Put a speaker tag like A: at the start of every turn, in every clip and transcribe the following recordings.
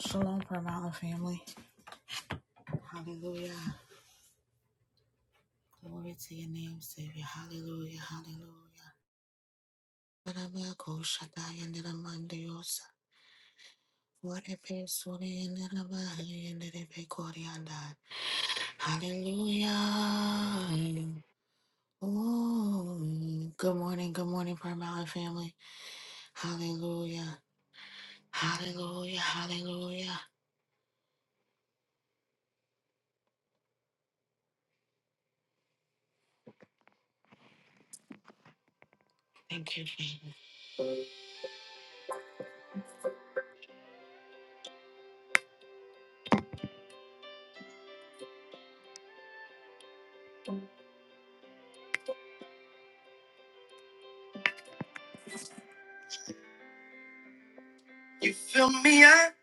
A: Shalom, Prayer Mountain family. Hallelujah. Glory to your name, Savior. Hallelujah. Hallelujah. Barabako shataya niramandiyosa. Warepe suri nirabahaya niripe korianda. Hallelujah. Oh, good morning, good morning, Prayer Mountain family. Hallelujah. Hallelujah. Hallelujah. Thank you, Jesus. You fill me up,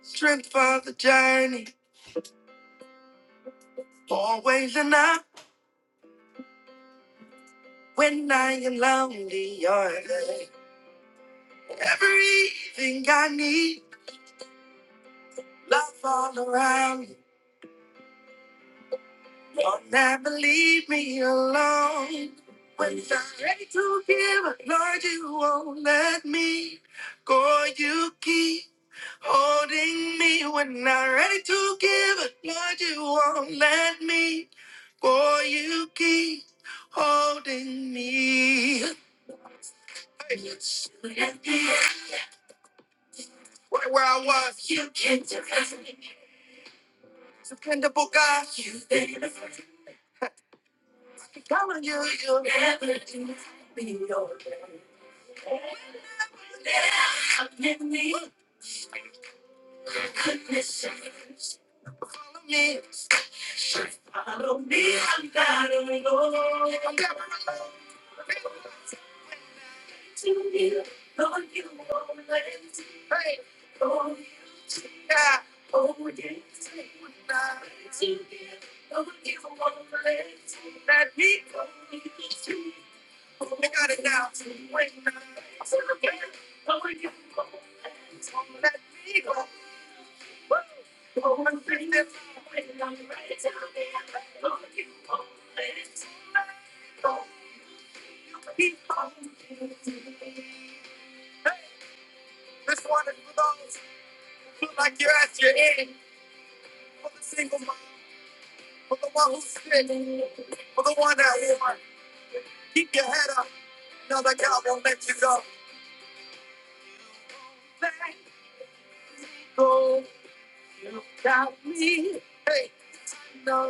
A: strength for the journey, always enough. When I am lonely, you're there. everything I need. Love all around. me. Don't never leave me alone. When I'm ready to give, Lord, you won't let me go. You keep holding me. When I'm ready to give, Lord, you won't let me go. You keep holding me. Hey. Right where I was. You can do it. Dependable guy. You can count on you. You follow me. This one is for those who feel like you're at your end. For the single mom, for the one who's sick, for the one that won. Keep your head up, another God won't let you go. Thank Go, you got me. Hey, I know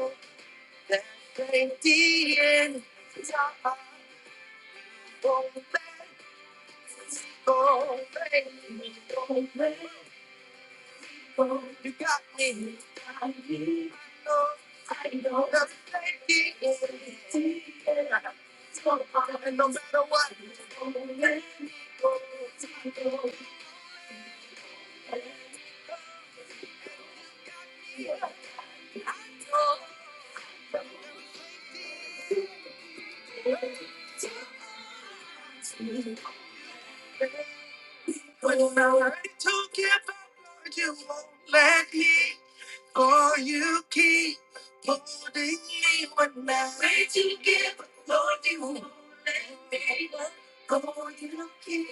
A: that ain't the end. You got me. to give up, Lord, you won't let me go. You keep holding me when I pray to give up, Lord, you won't go. You keep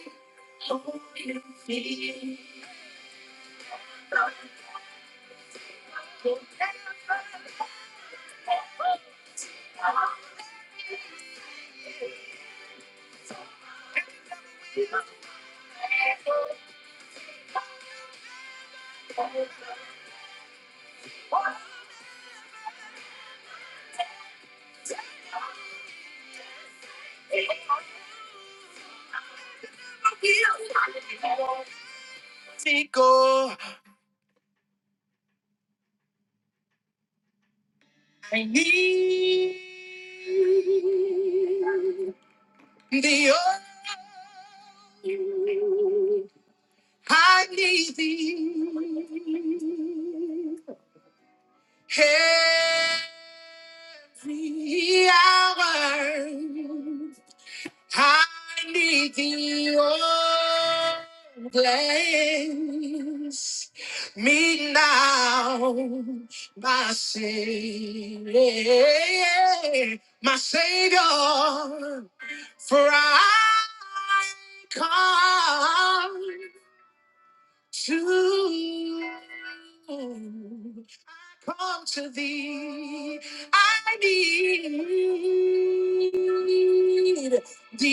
A: me go. I need the oh, I need thee. Every hour. I need thee, oh, bless me now, my Savior, my Savior, for I come to, I come to thee, I need. Thee.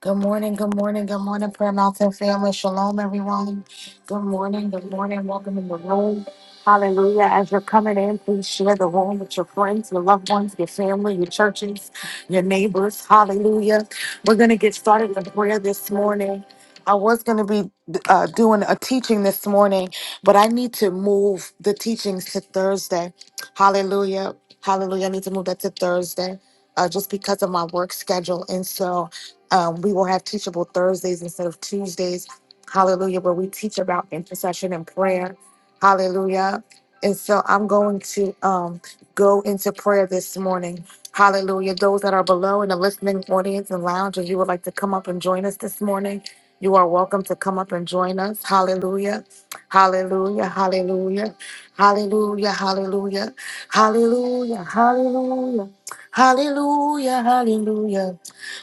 A: Good morning, good morning, good morning, Prayer Mountain family. Shalom, everyone. Good morning, good morning. Welcome in the room. Hallelujah. As you're coming in, please share the room with your friends, your loved ones, your family, your churches, your neighbors. Hallelujah. We're going to get started in prayer this morning. I was going to be uh, doing a teaching this morning, but I need to move the teachings to Thursday. Hallelujah. Hallelujah. I need to move that to Thursday uh, just because of my work schedule. And so, um, we will have teachable Thursdays instead of Tuesdays. Hallelujah, where we teach about intercession and prayer. Hallelujah. And so I'm going to um, go into prayer this morning. Hallelujah. Those that are below in the listening audience and lounge, if you would like to come up and join us this morning, you are welcome to come up and join us. Hallelujah. Hallelujah. Hallelujah. Hallelujah. Hallelujah. Hallelujah. Hallelujah. Hallelujah. Hallelujah.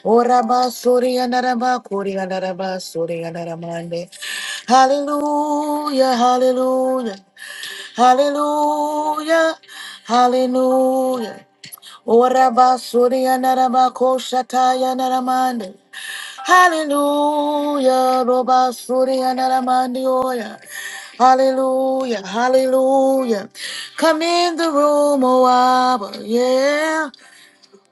A: Oraba suri andaraba kuri andaraba suri andaramande. Hallelujah, hallelujah, hallelujah, hallelujah. Oraba suri andaraba koshataya andaramande. Hallelujah, roba suri andaramande oya. Hallelujah, hallelujah. Come in the room, oh Abba, yeah.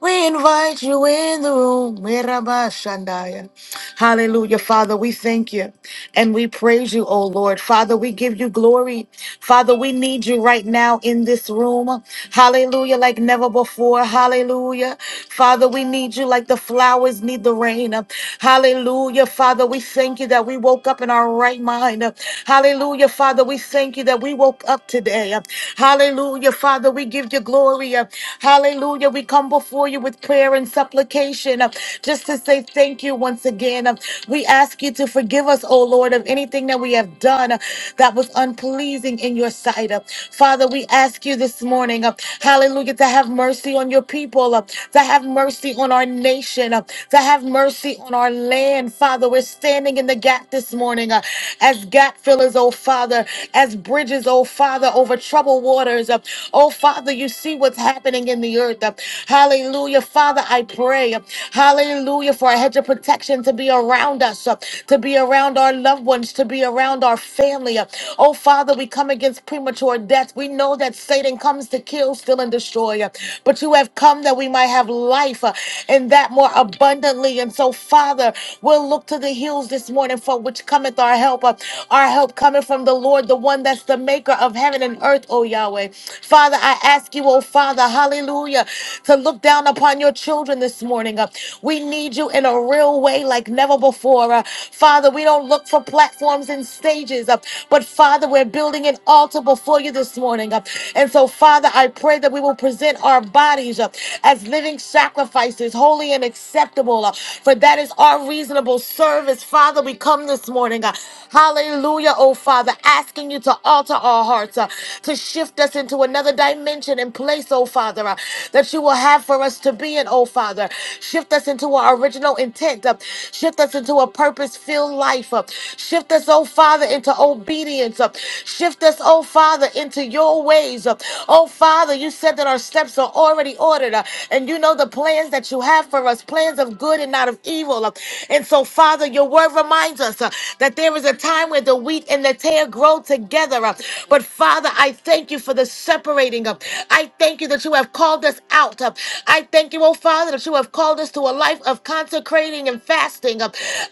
A: We invite you in the room. Mirabashandaya. Hallelujah, Father. We thank you and we praise you, oh Lord. Father, we give you glory. Father, we need you right now in this room. Hallelujah, like never before. Hallelujah. Father, we need you like the flowers need the rain. Hallelujah. Father, we thank you that we woke up in our right mind. Hallelujah. Father, we thank you that we woke up today. Hallelujah. Father, we give you glory. Hallelujah. We come before you with prayer and supplication uh, just to say thank you once again. Uh, We ask you to forgive us us, O Lord, of anything that we have done uh, that was unpleasing in your sight. uh. Father, we ask you this morning, uh, hallelujah, to have mercy on your people, uh, to have mercy on our nation, uh, to have mercy on our land. Father, we're standing in the gap this morning uh, as gap fillers, oh Father, as bridges, oh Father, over troubled waters. uh, oh Father, you see what's happening in the earth. uh, hallelujah. Father, I pray, uh, hallelujah, for a hedge of protection to be around us, uh, to be be around our loved ones, to be around our family. Oh, Father, we come against premature death. We know that Satan comes to kill, steal, and destroy, but you have come that we might have life uh, and that more abundantly. And so, Father, we'll look to the hills this morning for which cometh our help. Uh, Our help coming from the Lord, the one that's the maker of heaven and earth, oh Yahweh. Father, I ask you, oh Father, hallelujah, to look down upon your children this morning. Uh, We need you in a real way like never before. Uh, Father, we don't look for platforms and stages, uh, but Father, we're building an altar before you this morning. uh, And so, Father, I pray that we will present our bodies uh, as living sacrifices, holy and acceptable, uh, for that is our reasonable service. Father, we come this morning. uh, Hallelujah, oh Father, asking you to alter our hearts, uh, to shift us into another dimension and place, oh Father, uh, that you will have for us to be in, oh Father. Shift us into our original intent, uh, shift us into into a purpose filled life. Uh, Shift us, oh Father, into obedience. Uh, Shift us, oh Father, into your ways. Uh, Oh Father, you said that our steps are already ordered, uh, and you know the plans that you have for us plans of good and not of evil. Uh, And so, Father, your word reminds us uh, that there is a time where the wheat and the tear grow together. uh, But Father, I thank you for the separating. uh, I thank you that you have called us out. uh, I thank you, oh Father, that you have called us to a life of consecrating and fasting.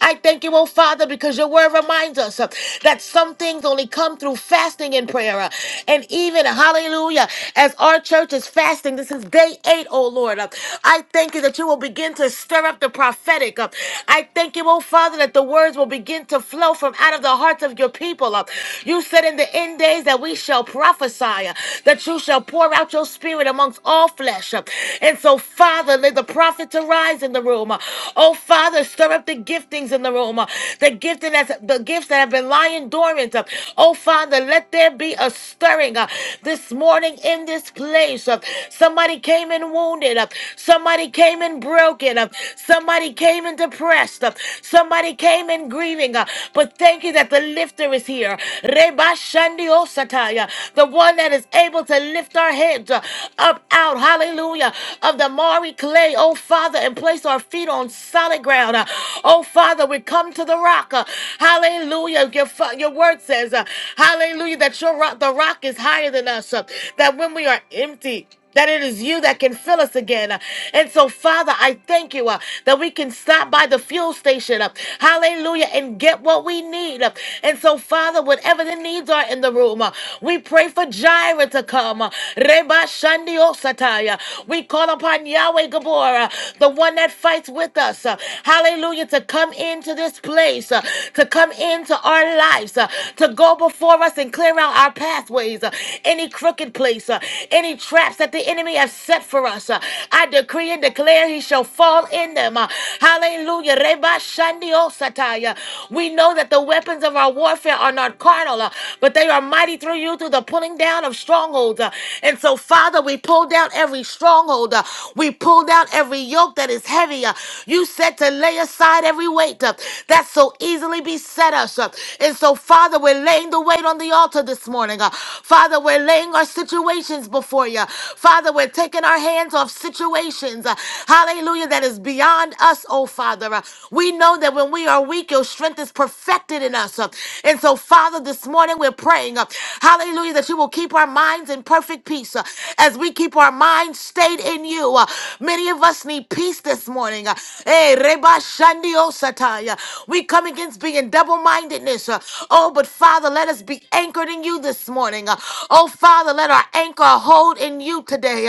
A: I thank you, oh Father, because your word reminds us uh, that some things only come through fasting and prayer. uh, And even, hallelujah, as our church is fasting, this is day eight, oh Lord. uh, I thank you that you will begin to stir up the prophetic. uh, I thank you, oh Father, that the words will begin to flow from out of the hearts of your people. uh, You said in the end days that we shall prophesy, uh, that you shall pour out your spirit amongst all flesh. uh, And so, Father, let the prophets arise in the room. uh, Oh Father, stir Stir up the giftings in the room. uh, The gifting that's the gifts that have been lying dormant. uh. Oh Father, let there be a stirring uh, this morning in this place. uh. Somebody came in wounded. uh. Somebody came in broken. uh. Somebody came in depressed. uh. Somebody came in grieving. uh. But thank you that the lifter is here. Reba Shandi Osataya, The one that is able to lift our heads uh, up out. Hallelujah. Of the Mari clay, oh Father, and place our feet on solid ground ground. Uh, Oh, Father, we come to the rock. Uh, Hallelujah. Your, fa- your word says, uh, Hallelujah, that your rock, the rock is higher than us. uh, That when we are empty, that it is you that can fill us again. Uh, And so, Father, I thank you uh, that we can stop by the fuel station, uh, hallelujah, and get what we need. uh. And so, Father, whatever the needs are in the room, uh, we pray for Jireh to come. uh, Reba Shandi Osataya. We call upon Yahweh Gabor, uh, the one that fights with us us, uh, hallelujah, to come into this place, uh, to come into our lives, uh, to go before us and clear out our pathways, uh, any crooked place, uh, any traps that the enemy has set for us. uh, I decree and declare he shall fall in them. uh, hallelujah. Reba shandio sataya. We know that the weapons of our warfare are not carnal, uh, but they are mighty through you through the pulling down of strongholds. uh, and so, Father, we pull down every stronghold. uh, we pull down every yoke that is heavy. uh, you said to lay aside every weight uh, that so easily beset us. uh, And so, Father, we're laying the weight on the altar this morning. uh, Father, we're laying our situations before you. Father, we're taking our hands off situations. uh, Hallelujah. That is beyond us, oh Father. Uh, We know that when we are weak, your strength is perfected in us. uh, And so, Father, this morning we're praying. uh, Hallelujah. That you will keep our minds in perfect peace uh, as we keep our minds stayed in you. Uh, Many of us need peace this morning morning. Uh, Hey, Reba Shandio Sataya. We come against being double mindedness. Oh, but Father, let us be anchored in you this morning. uh. Oh, Father, let our anchor hold in you today.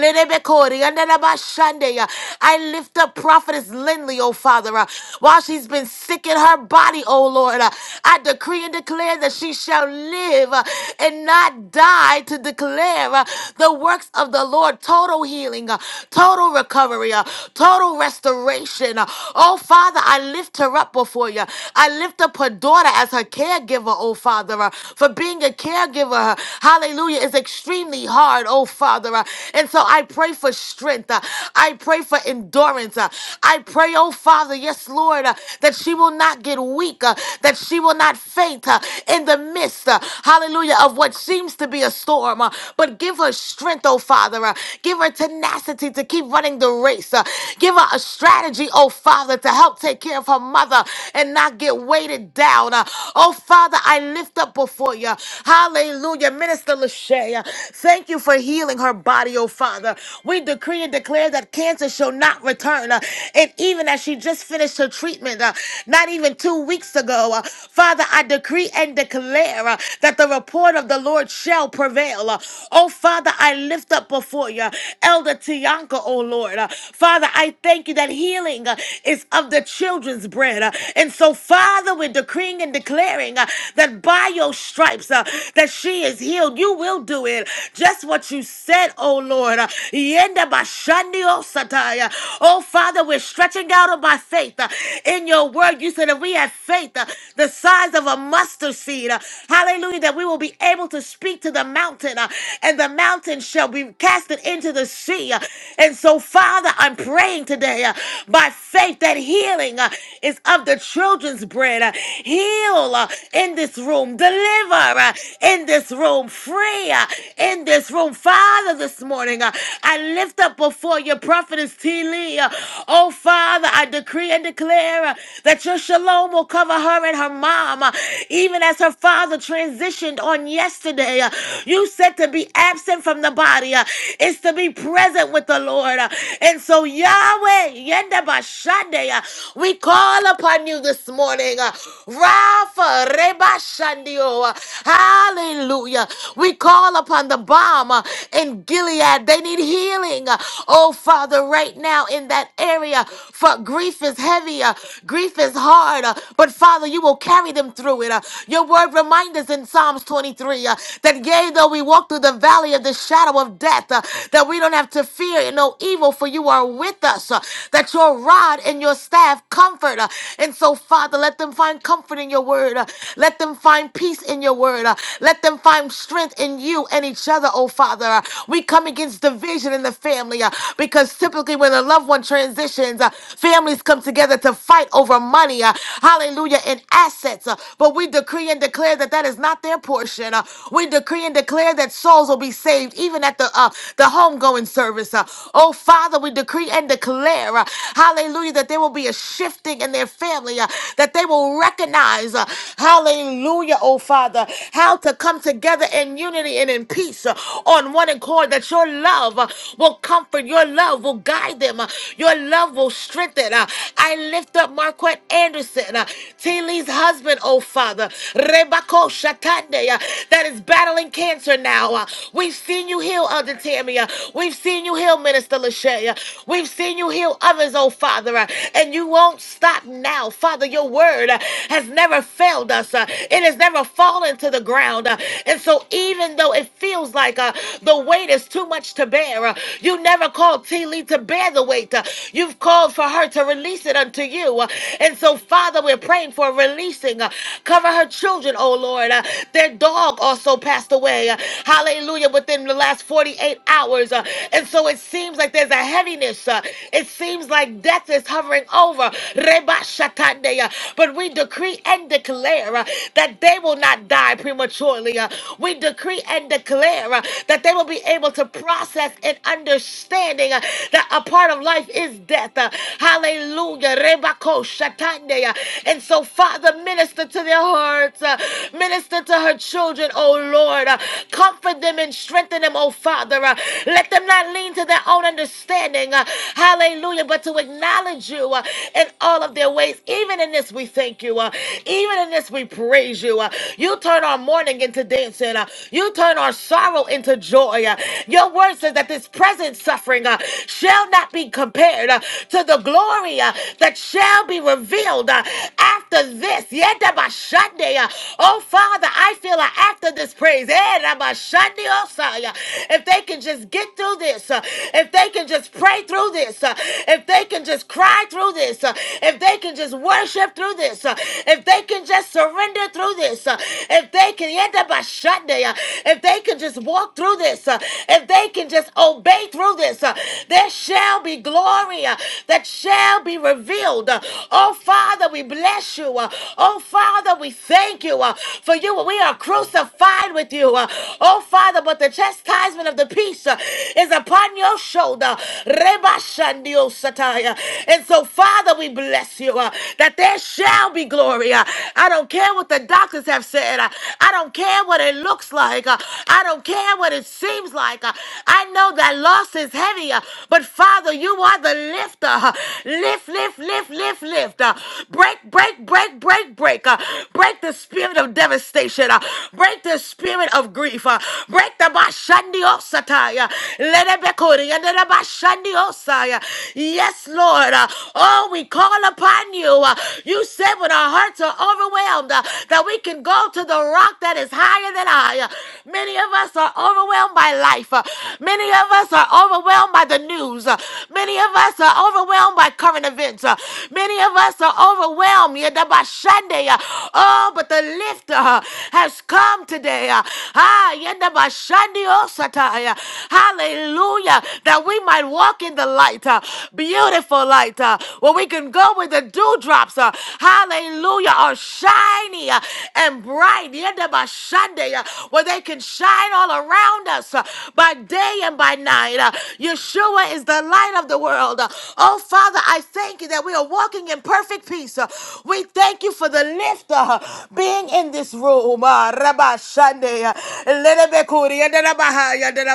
A: Lenebekori, Andanaba Shandeya. I lift up Prophetess Lindley, oh Father, uh, while she's been sick in her body, oh Lord. uh, I decree and declare that she shall live uh, and not die to declare uh, the works of the Lord total healing, uh, total recovery, uh, total restoration. Oh, Father, I lift her up before you. I lift up her daughter as her caregiver, oh, Father, uh, for being a caregiver. uh, Hallelujah is extremely hard, oh, Father. uh, And so I pray for strength. uh, I pray for endurance. uh, I pray, oh, Father, yes, Lord, uh, that she will not get weak, uh, that she will not faint uh, in the midst, uh, hallelujah, of what seems to be a storm. uh, But give her strength, oh, Father. uh, Give her tenacity to keep running the race grace. Uh, give her a strategy, oh Father, to help take care of her mother and not get weighted down. Uh, oh Father, I lift up before you. Hallelujah. Minister Lachey, uh, thank you for healing her body, oh Father. We decree and declare that cancer shall not return. Uh, and even as she just finished her treatment, uh, not even two weeks ago, uh, Father, I decree and declare uh, that the report of the Lord shall prevail. Uh, oh Father, I lift up before you. Elder Tianka, oh Lord. Lord. Uh, Father, I thank you that healing uh, is of the children's bread. Uh, and so, Father, we're decreeing and declaring uh, that by your stripes uh, that she is healed. You will do it. Just what you said, oh Lord. Uh, Yenda bashandi osataya. Oh, Father, we're stretching out on by faith uh, in your word. You said that we have faith uh, the size of a mustard seed. uh, hallelujah, that we will be able to speak to the mountain uh, and the mountain shall be casted into the sea. uh, and so, Father, I'm praying today uh, by faith that healing uh, is of the children's bread. Uh, heal uh, in this room, deliver uh, in this room, free uh, in this room. Father, this morning, uh, I lift up before your prophetess T. Lee. uh, oh, Father, I decree and declare uh, that your shalom will cover her and her mom, uh, even as her father transitioned on yesterday. uh, you said to be absent from the body, uh, it's to be present with with the Lord. Uh, And so, Yahweh, Yenda Bashande, uh, we call upon you this morning. uh, Rapha Reba Shandio. uh, Hallelujah. We call upon the bomb in Gilead. They need healing. uh, Oh, Father, right now in that area. For grief is heavy, uh, grief is hard. uh, But Father, you will carry them through it. uh. Your word reminds us in Psalms 23 uh, that yea, though we walk through the valley of the shadow of death, uh, that we don't have have to fear no evil, for you are with us, uh, that your rod and your staff comfort. uh, and so, Father, let them find comfort in your word. uh, let them find peace in your word. uh, let them find strength in you and each other, oh Father. Uh, we come against division in the family uh, because typically when a loved one transitions, uh, families come together to fight over money, uh, hallelujah, and assets. uh, but we decree and declare that that is not their portion. uh, we decree and declare that souls will be saved even at the uh, the homes homegoing service. Uh, Oh, Father, we decree and declare, uh, hallelujah, that there will be a shifting in their family, uh, that they will recognize, uh, hallelujah, oh, Father, how to come together in unity and in peace uh, on one accord, that your love uh, will comfort, your love will guide them, uh, your love will strengthen. uh, I lift up Marquette Anderson, uh, T. Lee's husband, oh, Father, Rebako Shatande, uh, that is battling cancer now. Uh, We've seen you heal, Elder Tammy. Tammy. uh, We've seen you heal Minister Lachey. uh, We've seen you heal others, oh Father. uh, And you won't stop now. Father, your word uh, has never failed us. uh, It has never fallen to the ground. uh, And so even though it feels like uh, the weight is too much to bear, uh, you never called T. Lee to bear the weight. uh, You've called for her to release it unto you. uh, And so, Father, we're praying for releasing. uh, Cover her children, oh Lord. uh, Their dog also passed away. uh, Hallelujah. Within the last 48 48 hours. uh, and so it seems like there's a heaviness. uh, it seems like death is hovering over. Reba Shatande, uh, But we decree and declare uh, that they will not die prematurely. uh, we decree and declare uh, that they will be able to process and understanding uh, that a part of life is death. uh, hallelujah. Reba Shatande, uh, and so, Father, minister to their hearts, uh, minister to her children, oh Lord. uh, comfort them and strengthen them oh Father. Uh, Let them not lean to their own understanding. uh, Hallelujah. But to acknowledge you uh, in all of their ways. Even in this, we thank you. uh, Even in this, we praise you. uh, You turn our mourning into dancing. uh, You turn our sorrow into joy. uh, Your word says that this present suffering uh, shall not be compared uh, to the glory uh, that shall be revealed uh, after this. Yedabashande, uh, Oh, Father, I feel uh, after this praise. eh, Rabashande, if they can just get through this, uh, if they can just pray through this, uh, if they can just cry through this, uh, if they can just worship through this, uh, if they can just surrender through this, uh, if they can end up a shut day, uh, if they can just walk through this, uh, if they can just obey through this, uh, there shall be glory uh, that shall be revealed. Uh, Oh, Father, we bless you. Uh, Oh, Father, we thank you uh, for you. We are crucified with you. Uh, Oh, Father. Father, but the chastisement of the peace uh, is upon your shoulder. Reba Shandio Sataya. And so, Father, we bless you uh, that there shall be glory. uh. I don't care what the doctors have said. uh, I don't care what it looks like. uh, I don't care what it seems like. uh, I know that loss is heavy, uh, but Father, you are the lifter. uh, Lift, lift, lift, lift, lift. uh, Break, break, break, break, break. uh, Break the spirit of devastation. uh, Break the spirit of grief. uh, Break the bashandi osataya. Let it be kuri. Let it be bashandi osaya. Yes, Lord. Uh, Oh, we call upon you. Uh, You said when our hearts are overwhelmed uh, that we can go to the rock that is higher than I. Uh, Many of us are overwhelmed by life. Uh, Many of us are overwhelmed by the news. Uh, Many of us are overwhelmed by current events. Uh, Many of us are overwhelmed. Yedabashande. Uh, Oh, but the lifter uh, has come today. Uh, Ah, yenda bashandi osataya. Hallelujah. That we might walk in the light, uh, beautiful light, uh, where we can go with the dewdrops. Uh, hallelujah. Are shiny uh, and bright. Yenda bashande, uh, Where they can shine all around us uh, by day and by night. Uh, Yeshua is the light of the world. Uh, oh, Father, I thank you that we are walking in perfect peace. Uh, we thank you for the lift uh, being in this room. Uh, Rabashande.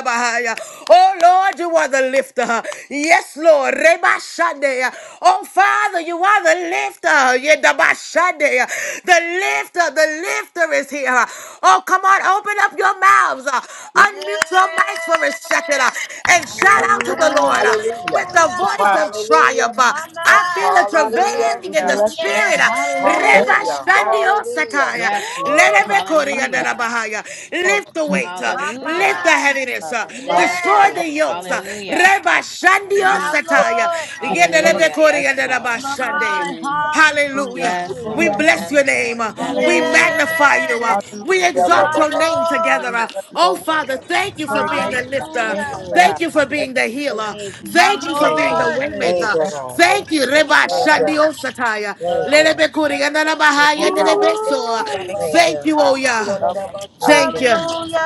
A: Bahaya. Oh Lord, you are the lifter. Yes, Lord. Oh Father, you are the lifter. The lifter, the lifter is here. Oh, come on, open up your mouths.
B: Yes.
A: Unmute your mics for a second and shout out to the
C: Hallelujah.
A: Lord with
D: Hallelujah.
B: Hallelujah.
A: the voice of
D: Hallelujah.
A: triumph.
B: Mama.
C: Lord,
A: I feel a
D: Hallelujah.
A: travailing in the
C: hallelujah. Yes,
A: spirit.
B: Yes.
A: Reba
D: Hallelujah.
A: Shande
C: hallelujah.
D: Hallelujah.
A: Osataya.
E: Yes, Lord.
C: We
B: Woo.
C: have my
E: Hallelujah.
A: Bahaya.
C: Lord.
A: Lift the weight, uh,
C: Yes, Lord.
A: lift the
E: Hallelujah.
B: Mama.
A: heaviness,
C: God.
A: uh,
C: Yes,
E: Yes,
D: Lift the
A: destroy
B: Yes.
D: weight.
E: Lord.
A: the yokes. uh,
E: Hallelujah.
A: Reba
C: God.
A: Shandio
C: Yes,
B: My Lord.
A: Sataya. Yendelebe
E: Hallelujah.
A: Kori
E: Yes,
A: Yendeleba
E: Lord.
A: Shande.
B: Mama.
C: Lord.
A: Hallelujah.
B: Hallelujah.
E: Yes,
A: We
E: Lord.
A: bless
E: Yes,
A: your
E: Lord.
A: name. uh, We
D: Jesus.
A: magnify you.
B: Yes.
A: uh,
C: Hallelujah.
A: We exalt
B: My
A: your name
B: Lord.
A: together. uh. Oh,
C: Lord, we
A: Father, thank you for
C: praise
A: being the
C: you. God.
A: lifter.
C: Thank
B: Hallelujah.
C: you,
A: Thank
C: Father.
A: you for being the healer.
B: My
A: Thank you for
D: Thank
A: being the
C: Father,
D: you.
B: Lord.
C: for
D: Thank
A: waymaker.
D: you, God.
A: Thank you. Reba
C: Father,
D: Thank you.
A: Shandio Sataya.
D: Thank you.
A: Lelebe Kuri Yendeleba
C: being
A: Haya Yendelebe
C: powerful.
A: So.
B: Woo.
C: Thank you,
D: Thank you.
A: Thank you, oh
C: Father.
A: yeah.
C: for Love,
D: Thank
A: Thank
D: you.
A: you.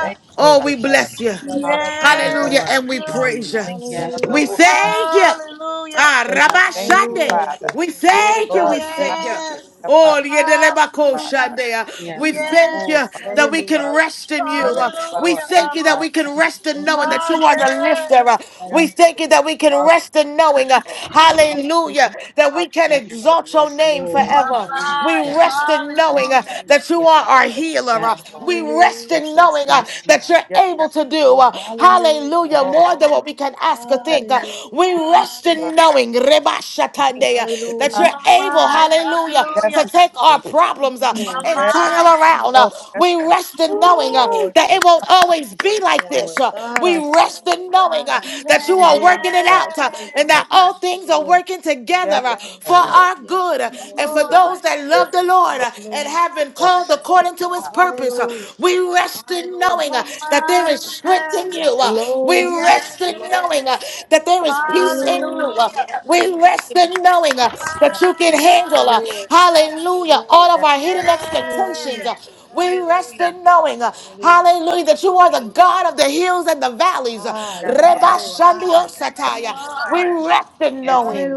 C: thank you,
A: Oh,
D: Thank
C: Father.
D: you,
A: we
D: God.
A: bless you.
C: Hallelujah.
E: Yes,
D: Thank you,
A: Hallelujah.
B: Yes.
D: God.
E: Lord.
A: And we
B: you.
A: praise
D: Hallelujah.
A: you.
D: Thank you.
E: Yes,
A: We
E: Lord.
A: thank you.
B: Hallelujah.
A: Ah, Rabba
C: Thank you,
A: Shande.
C: Father.
A: We thank you.
C: Lord,
A: We thank
C: hallelujah,
A: you.
B: Yes.
C: Father.
A: Oh, Yedelebako
C: Father.
B: Hallelujah.
A: Shande. Uh,
E: Yes,
A: We
E: Lord.
A: thank
B: Yes.
C: Oh,
A: you
C: Father.
A: that we
C: Thank you.
A: can rest in you.
C: Yes,
A: Uh, We
C: Lord.
B: Hallelujah.
A: thank you that
B: Abba.
A: we can rest in
C: Thank you.
A: knowing that
B: My
A: you are the
B: yes.
A: lifter. Uh,
C: Yes,
A: We thank you that we can rest in knowing, uh, hallelujah, that we can
E: Yes, Lord.
A: exalt your name
C: Father.
B: My
A: forever. We
B: mind.
E: Yes,
A: rest
E: Lord.
A: in knowing uh,
B: Hallelujah.
A: that you
E: Yes,
A: are our
E: Lord.
A: healer.
E: Yes,
A: Uh,
E: Lord.
A: We rest in
C: Yes,
A: knowing uh,
E: Yes, Lord. Yes,
A: that
E: Lord.
A: you're
C: yes,
A: able to to do. uh, Hallelujah.
E: Yes,
C: Lord.
A: More than what we can ask or
C: Yes,
A: think. uh, We rest
C: Father.
A: in knowing
C: Thank
A: Rebashatande, uh,
C: you.
A: that you're
B: My
A: able,
B: mind.
A: hallelujah,
C: Yes,
A: to
B: Hallelujah.
A: take our problems uh,
B: My
A: and
C: Yes,
A: turn them
B: mind.
A: around. uh,
C: Lord, Yes.
A: We rest in knowing uh,
B: Ooh.
A: that
C: the
A: it won't always be like this. uh, We rest in knowing uh, that you
C: God.
A: are working it
C: Hallelujah.
A: out uh, and
B: Yes.
A: that all things are working together
C: Yes,
A: uh, for our good uh,
B: My
A: and for
B: Lord.
A: those that love the Lord uh, and have have been called
C: Lord,
A: according to his
C: God.
A: purpose. Uh, We rest in knowing
B: My
A: uh, that there
B: mind.
A: is strength in you. Uh, We
B: Yes.
A: rest
B: Yes.
A: in
E: Lord.
B: yes.
A: knowing uh, that there is peace in you. Uh,
B: Hallelujah.
A: We rest in knowing
B: My
A: uh,
C: Yes,
A: that you can
C: Lord,
B: mind.
A: handle, uh,
B: Hallelujah.
A: hallelujah, all of
C: yes,
A: our hidden expectations.
B: Yes.
A: Uh, We rest in knowing, uh, hallelujah, that you are the God of the hills and the valleys. Uh,
C: yes, Lord,
E: Yes,
A: Reba
B: Yes.
A: Shandio
B: Yes,
C: yes,
B: you
A: sataya. We
B: are.
A: rest in
C: yes,
E: yes, yes,
A: knowing,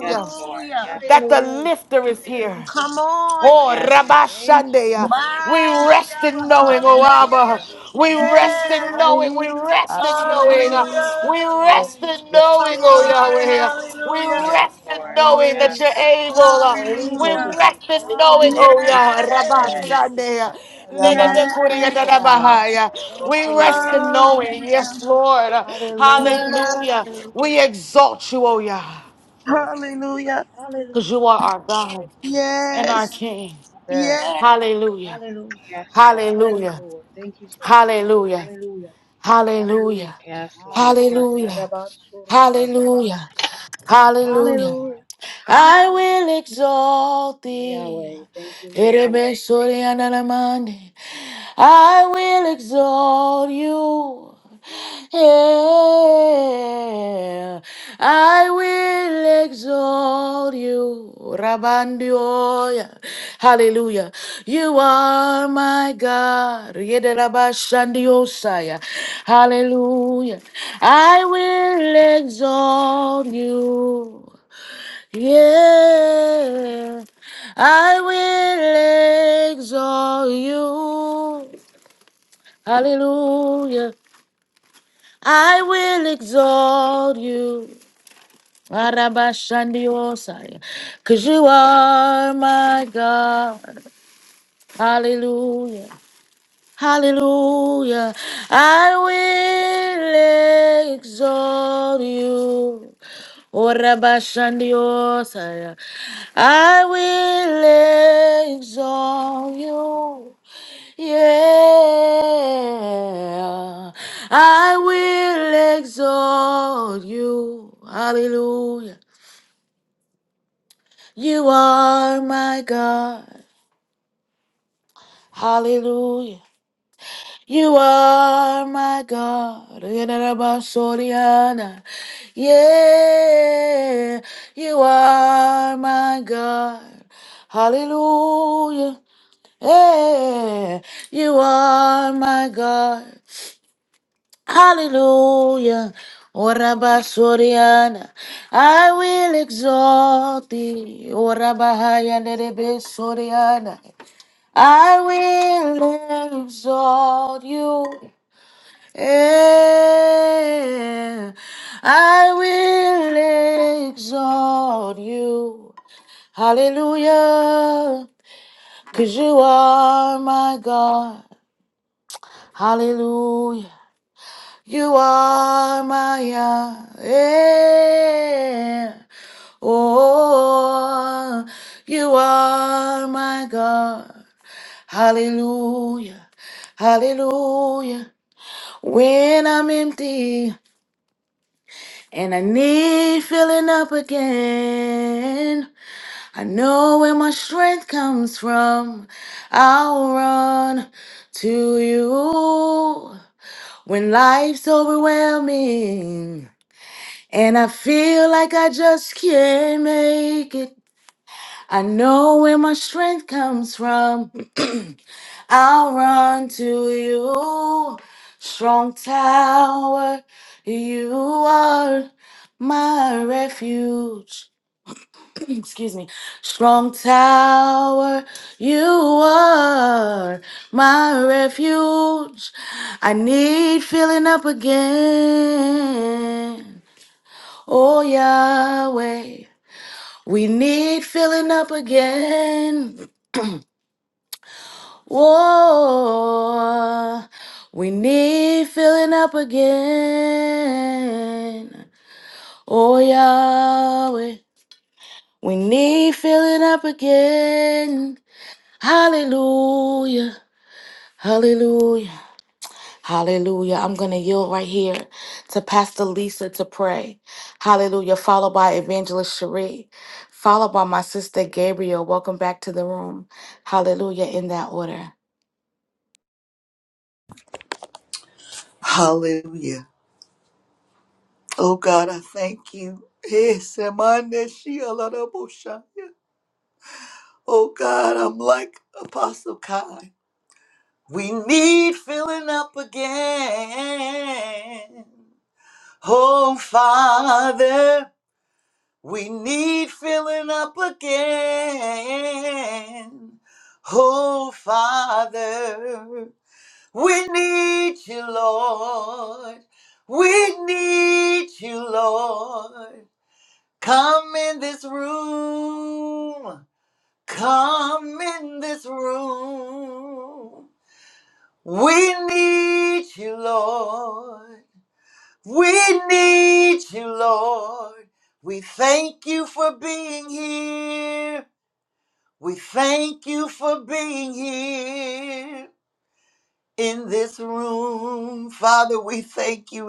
E: yes, Lord. Yes,
A: that the
E: Lord.
A: lifter is here.
B: Come on.
A: Oh,
E: Yes, Lord.
A: Rabashandea.
C: Lord,
A: We
B: My
A: rest
B: Abba,
A: in
C: yes,
A: knowing, oh
B: hallelujah.
A: Abba. We rest
B: Yes.
A: in knowing. We rest in knowing. uh,
B: Hallelujah.
A: We rest in
C: Hallelujah,
A: knowing, oh
B: My
A: Yahweh. We
B: hallelujah.
E: Yes,
A: rest in
E: Lord.
A: knowing that
E: Yes,
A: you're able. uh, We
B: Hallelujah.
A: rest in knowing, oh Yah.
C: Lord,
B: Yes.
A: Rabashandea.
C: God.
B: Yes.
A: Nenebekuriyandarabahaya.
C: Lord,
A: We rest
E: yes,
A: in
E: Lord.
A: knowing. Yes,
B: Hallelujah.
A: Lord.
B: Yes.
A: Hallelujah. We exalt you, oh Yah,
C: Yes, Lord,
B: Hallelujah.
A: because you are our God and
E: Yes,
A: our
B: Yes.
A: King.
C: yes.
B: Yes.
A: Hallelujah.
E: yes, Lord. Yes, Lord.
A: Hallelujah. Hallelujah. Yeah.
E: Yes, Lord. Yes, Lord. Yes,
A: Hallelujah.
E: Lord.
A: Exalt. Yeah. I will exalt you. Rabandioya. Hallelujah. You are my God. Yedelabashandiosaya. Hallelujah. I will exalt you. Yeah, I will exalt you. Hallelujah. I will exalt you. Because you are my God. Hallelujah. Hallelujah. I will exalt you. Orabashandiosaya. I will exalt you. Yeah. I will exalt you. Hallelujah. You are my God. Hallelujah. You are Rabasoriana. My God. Hallelujah. You are my God. Hallelujah. Oraba Soriana, I will exalt thee. Oraba Hayanebe Soriana, I will exalt you. Eh, I will exalt you. Hallelujah, cause you are my God. Hallelujah. You are my yeah. Oh, you are my God. Hallelujah. Hallelujah. Be filling up again. I know it comes from. I'll run to you when life's overwhelming. And I feel like I just can't make it. I know where my strength comes from. I'll run to you, strong tower. You are my refuge. Excuse me. Strong tower, you are my refuge. I need filling up again. Oh, Yahweh, we need filling up again. Whoa, we need filling up again. Oh, Yahweh, we need filling up again. Hallelujah, hallelujah, hallelujah. I'm going to yield right here to Pastor Lisa to pray. Hallelujah, followed by Evangelist Cherie, followed by my sister Gabriel. Welcome back to the room. Hallelujah, in that order.
F: Hallelujah. Oh God, I thank you. Hey, Semane Shia Lada Oh God, I'm like Apostle Kai. We need filling up again. Oh Father, we need filling up again. Oh Father, we need you, Lord. We need you, Lord. Come in this room. Come in this room. We need you, Lord. We need you, Lord. We thank you for being here. We thank you for being here in this room. Father, we thank you.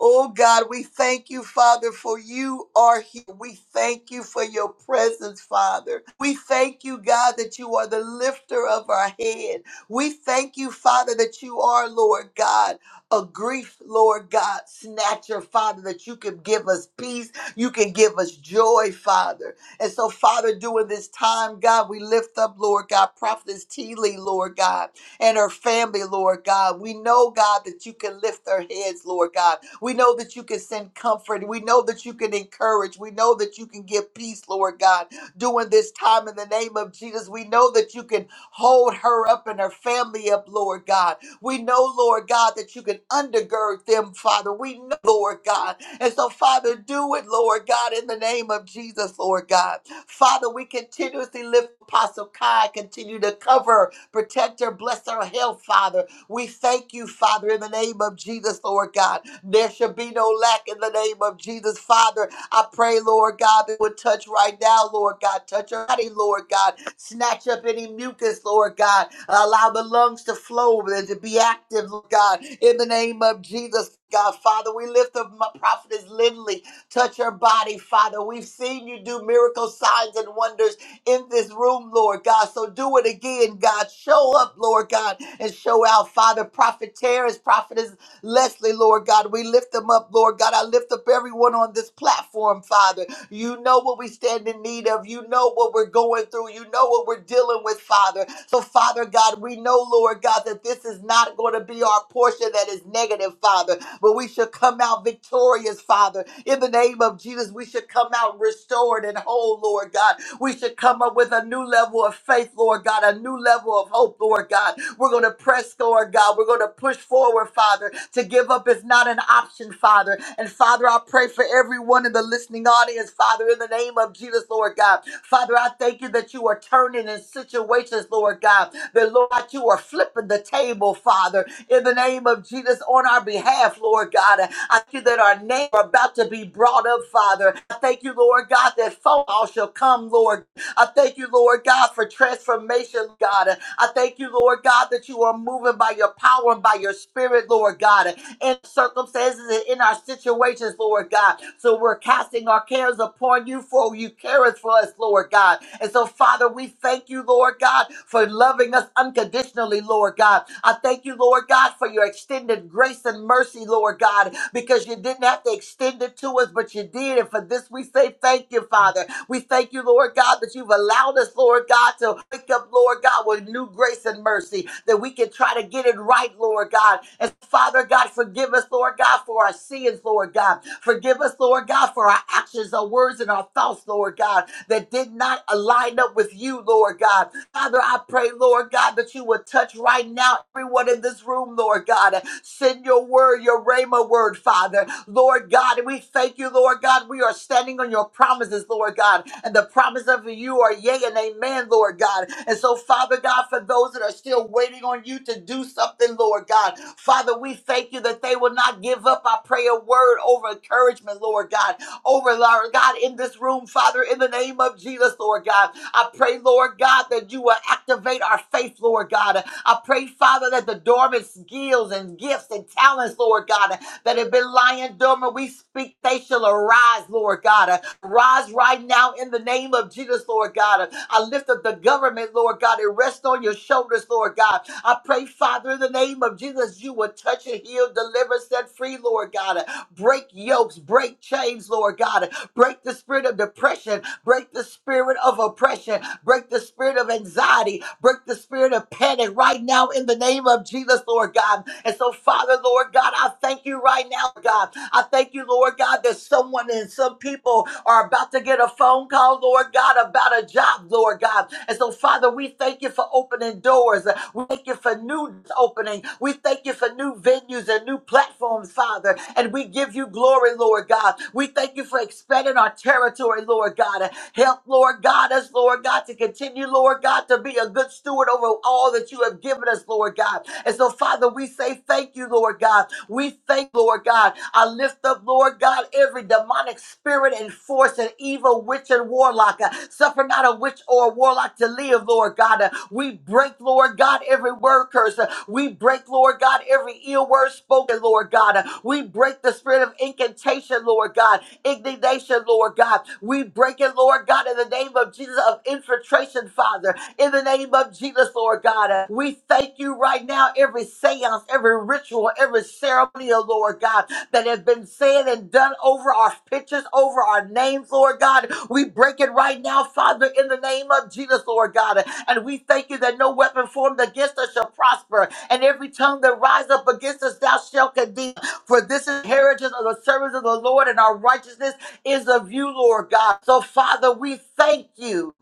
F: Oh God, we thank you, Father, for you are here. We thank you for your presence, Father. We thank you, God, that you are the lifter of our head. We thank you, Father, that you are, Lord God, a grief, Lord God, snatcher, Father, that you can give us peace. You can give us joy, Father. And so, Father, during this time, God, we lift up, Lord God, Prophetess Teeley, Lord God, and her family, Lord God. We know, God, that you can lift their heads, Lord God. We know that you can send comfort. We know that you can encourage. We know that you can give peace, Lord God, during this time in the name of Jesus. We know that you can hold her up and her family up, Lord God. We know, Lord God, that you can undergird them, Father. We know, Lord God. And so, Father, do it, Lord God, in the name of Jesus, Lord God. Father, we continuously lift Apostle Kai, continue to cover, protect her, bless her health, Father. We thank you, Father, in the name of Jesus, Lord God. There should be no lack in the name of Jesus. Father, I pray, Lord God, that would touch right now, Lord God. Touch her body, Lord God. Snatch up any mucus, Lord God. Allow the lungs to flow and to be active, Lord God. In the name of Jesus, God. Father, we lift up my prophetess Lindley. Touch her body, Father. We've seen you do miracle signs and wonders in this room, Lord God. So do it again, God. Show up, Lord God, and show out, Father. Prophet Terrence, prophetess Leslie, Lord God. We lift them up, Lord God. I lift up everyone on this platform, Father. You know what we stand in need of. You know what we're going through. You know what we're dealing with, Father. So, Father God, we know, Lord God, that this is not going to be our portion that is negative, Father, but we should come out victorious, Father. In the name of Jesus, we should come out restored and whole, Lord God. We should come up with a new level of faith, Lord God, a new level of hope, Lord God. We're going to press, Lord God. We're going to push forward, Father. To give up is not an option, Father. And Father, I pray for everyone in the listening audience, Father, in the name of Jesus, Lord God. Father, I thank you that you are turning in situations, Lord God. That, Lord, you are flipping the table, Father, in the name of Jesus on our behalf, Lord God. I thank you that our name are about to be brought up, Father. I thank you, Lord God, that fall shall come, Lord I thank you, Lord God, for transformation, God. I thank you, Lord God, that you are moving by your power and by your spirit, Lord God, in circumstances and in our situations, Lord God. So we're casting our cares upon you, for you careth for us, Lord God. And so, Father, we thank you, Lord God, for loving us unconditionally, Lord God. I thank you, Lord God, for your extended grace and mercy, Lord God because you didn't have to extend it to us, but you did. And for this, we say thank you, Father. We thank you, Lord God, that you've allowed us, Lord God, to wake up, Lord God, with new grace and mercy, that we can try to get it right, Lord God. And Father God, forgive us, Lord God, for our sins, Lord God. Forgive us, Lord God, for our actions, our words, and our thoughts, Lord God, that did not align up with you, Lord God. Father, I pray, Lord God, that you would touch right now everyone in this room, Lord God. Send your word, your rhema word, Father. Lord God, we thank you, Lord God. We are standing on your promises, Lord God. And the promise of you are yea and amen, Lord God. And so, Father God, for those that are still waiting on you to do something, Lord God, Father, we thank you that they will not give up. I pray a word over encouragement, Lord God, over, Lord God, in this room, Father, in the name of Jesus, Lord God. I pray, Lord God, that you will activate our faith, Lord God. I pray, Father, that the dormant skills and gifts and talents, Lord God, that have been lying dormant, we speak they shall arise, Lord God. Rise right now in the name of Jesus, Lord God. I lift up the government, Lord God. It rests on your shoulders, Lord God. I pray, Father, in the name of Jesus, you will touch and heal, deliver, set free, Lord God. Break yokes, break chains, Lord God. Break the spirit of depression, break the spirit of oppression, break the spirit of anxiety, break the spirit of panic right now in the name of Jesus, Lord God. And so, Father, Lord God, I thank you right now, God. I thank you, Lord God, that someone and some people are about to get a phone call, Lord God, about a job, Lord God. And so, Father, we thank you for opening doors. We thank you for new opening. We thank you for new venues and new platforms, Father. And we give you glory, Lord God. We thank you for expanding our territory, Lord God. Help, Lord God, us, Lord God, to continue, Lord God, to be a good steward over all that you have given us, Lord God. And so, Father, we say thank you, Lord God. We thank, Lord God. I lift up, Lord God, every demonic spirit and force and evil witch and warlock. Uh, suffer not a witch or a warlock to live, Lord God. Uh, we break, Lord God, every word curse. Uh, we break, Lord God, every ill word spoken, Lord God. Uh, we break the spirit of incantation, Lord God indignation, Lord God. We break it, Lord God, in the name of Jesus, of infiltration, Father, in the name of Jesus, Lord God. uh, We thank you right now, every seance, every ritual, every ceremony, oh Lord God, that has been said and done over our pictures, over our names, Lord God. We break it right now, Father, in the name of Jesus, Lord God. uh, And we thank you that no weapon formed against us shall prosper, and every tongue that rise up against us, thou shalt condemn. For this is heritage of the servants of the Lord, and our righteousness is of you, Lord God. So, Father, we thank you.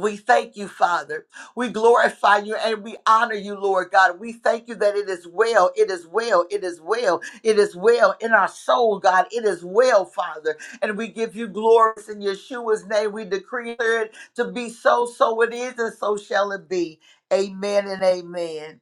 F: We thank you, Father. We glorify you and we honor you, Lord God. We thank you that it is well, it is well, it is well, it is well in our soul, God. It is well, Father. And we give you glory in Yeshua's name. We decree it to be so, so it is, and so shall it be. Amen and amen.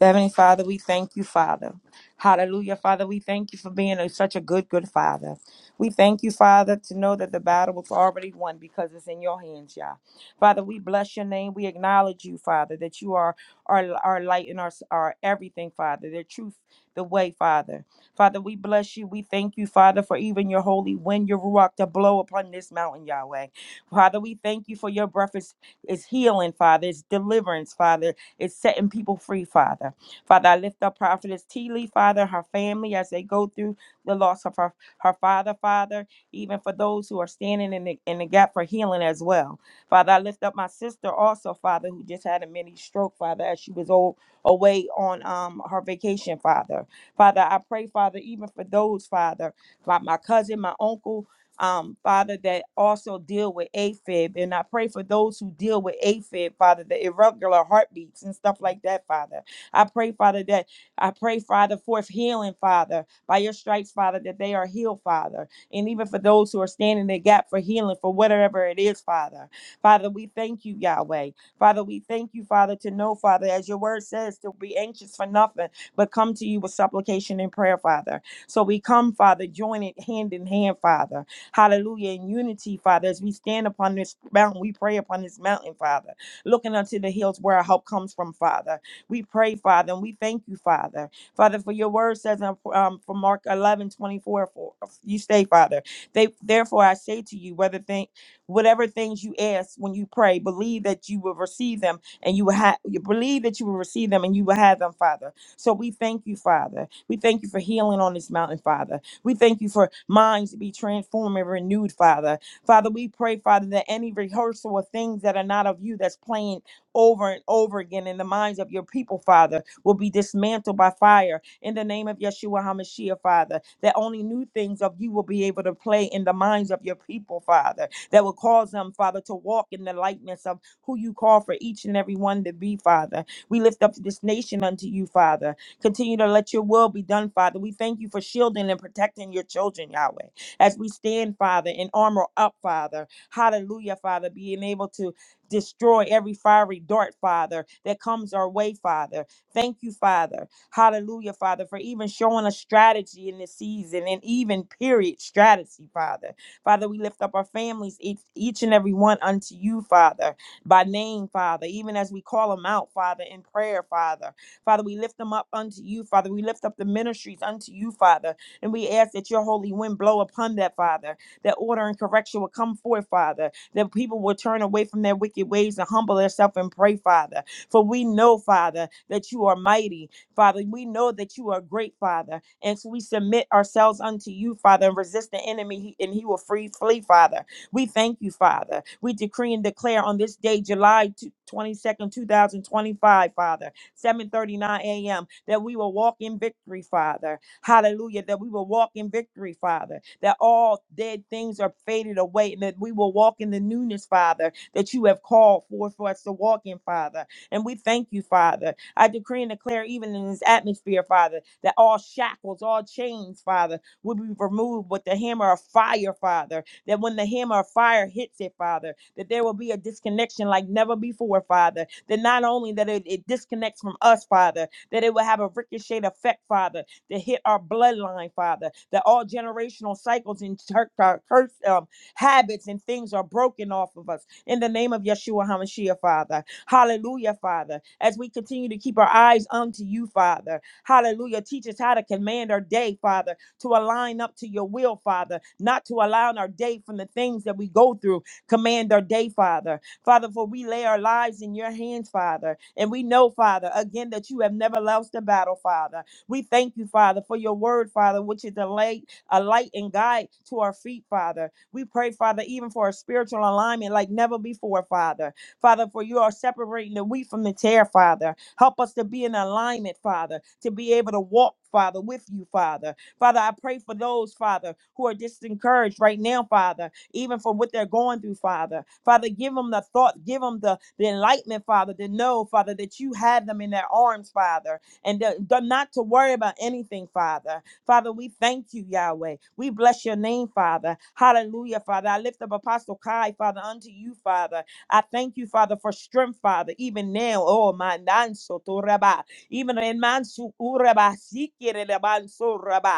C: Heavenly Father, we thank you, Father. Hallelujah, Father. We thank you for being a, such a good, good Father. We thank you, Father, to know that the battle was already won because it's in your hands, Yah. Father, we bless your name. We acknowledge you, Father, that you are our, our light and our, our everything, Father, the truth, the way, Father. Father, we bless you. We thank you, Father, for even your holy wind, your ruach to blow upon this mountain, Yahweh. Father, we thank you for your breath is, is healing, Father, it's deliverance, Father. It's setting people free, Father. Father, I lift up Prophetess Teeley, Father, her family as they go through the loss of her, her father, Father, even for those who are standing in the, in the gap for healing as well. Father, I lift up my sister also, Father, who just had a mini stroke, Father, as she was old, away on um, her vacation, Father. Father, I pray, Father, even for those, Father, my, my cousin, my uncle, um, Father, that also deal with AFib. And I pray for those who deal with AFib, Father, the irregular heartbeats and stuff like that, Father. I pray, Father, that I pray, Father, for healing, Father, by your stripes, Father, that they are healed, Father. And even for those who are standing in the gap for healing, for whatever it is, Father. Father, we thank you, Yahweh. Father, we thank you, Father, to know, Father, as your word says, to be anxious for nothing, but come to you with supplication and prayer, Father. So we come, Father, joining hand in hand, Father. Hallelujah. In unity, Father, as we stand upon this mountain, we pray upon this mountain, Father, looking unto the hills where our help comes from, Father. We pray, Father, and we thank you, Father. Father, for your word says in, um, from Mark 11 24. for, you say, Father, they, therefore I say to you, whether think whatever things you ask when you pray, believe that you will receive them and you will have you believe that you will receive them and you will have them, Father. So we thank you, Father. We thank you for healing on this mountain, Father. We thank you for minds to be transformed and renewed, Father. Father, we pray, Father, that any rehearsal of things that are not of you that's playing over and over again in the minds of your people, Father, will be dismantled by fire in the name of Yeshua HaMashiach, Father. That only new things of you will be able to play in the minds of your people, Father, that will cause them, Father, to walk in the likeness of who you call for each and every one to be, Father. We lift up this nation unto you, Father. Continue to let your will be done, Father. We thank you for shielding and protecting your children, Yahweh. As we stand, Father, in armor up, Father. Hallelujah, Father. Being able to destroy every fiery dart, Father, that comes our way, Father. Thank you, Father. Hallelujah, Father, for even showing us strategy in this season and even period strategy, Father. Father, we lift up our families, each, each and every one unto you, Father, by name, Father, even as we call them out, Father, in prayer, Father. Father, we lift them up unto you, Father. We lift up the ministries unto you, Father. And we ask that your holy wind blow upon that, Father. That order and correction will come forth, Father. That people will turn away from their wicked ways and humble themselves and pray, Father. For we know, Father, that you are mighty, Father. We know that you are great, Father. And so we submit ourselves unto you, Father, and resist the enemy, he- and he will free flee, Father. We thank you, Father. We decree and declare on this day, July 22nd, 2025, Father 7:39 a.m. That we will walk in victory, Father. Hallelujah. That we will walk in victory, Father. That all dead things are faded away, and that we will walk in the newness, Father, that you have called for for us to walk in, Father. And we thank you, Father. I decree and declare, even in this atmosphere, Father, that all shackles, all chains, Father, will be removed with the hammer of fire, Father. That when the hammer of fire hits it, Father, that there will be a disconnection like never before, Father that not only that it, it disconnects from us, Father, that it will have a ricochet effect, Father, that hit our bloodline, Father, that all generational cycles and tur- uh, curse um, habits and things are broken off of us in the name of Yeshua HaMashiach, Father. Hallelujah, Father. As we continue to keep our eyes unto you, Father. Hallelujah. Teach us how to command our day, Father, to align up to your will, Father, not to allow our day from the things that we go through. Command our day, Father. Father, for we lay our lives in your hands, Father. And we know, Father, again, that you have never lost a battle, Father. We thank you, Father, for your word, Father, which is a light, a light and guide to our feet, Father. We pray, Father, even for a spiritual alignment like never before, Father. Father, for you are separating the wheat from the tear, Father. Help us to be in alignment, Father, to be able to walk, Father, with you, Father. Father, I pray for those, Father, who are disencouraged right now, Father even from what they're going through, Father. Father, give them the thought, give them the, the enlightenment, Father, to know, Father, that you had them in their arms, Father, and th- th- not to worry about anything, Father. Father, we thank you, Yahweh. We bless your name, Father. Hallelujah, Father. I lift up Apostle Kai, Father, unto you, Father. I thank you, Father, for strength, Father, even now. Oh, my nanso to raba. Even in mansu uraba, sikere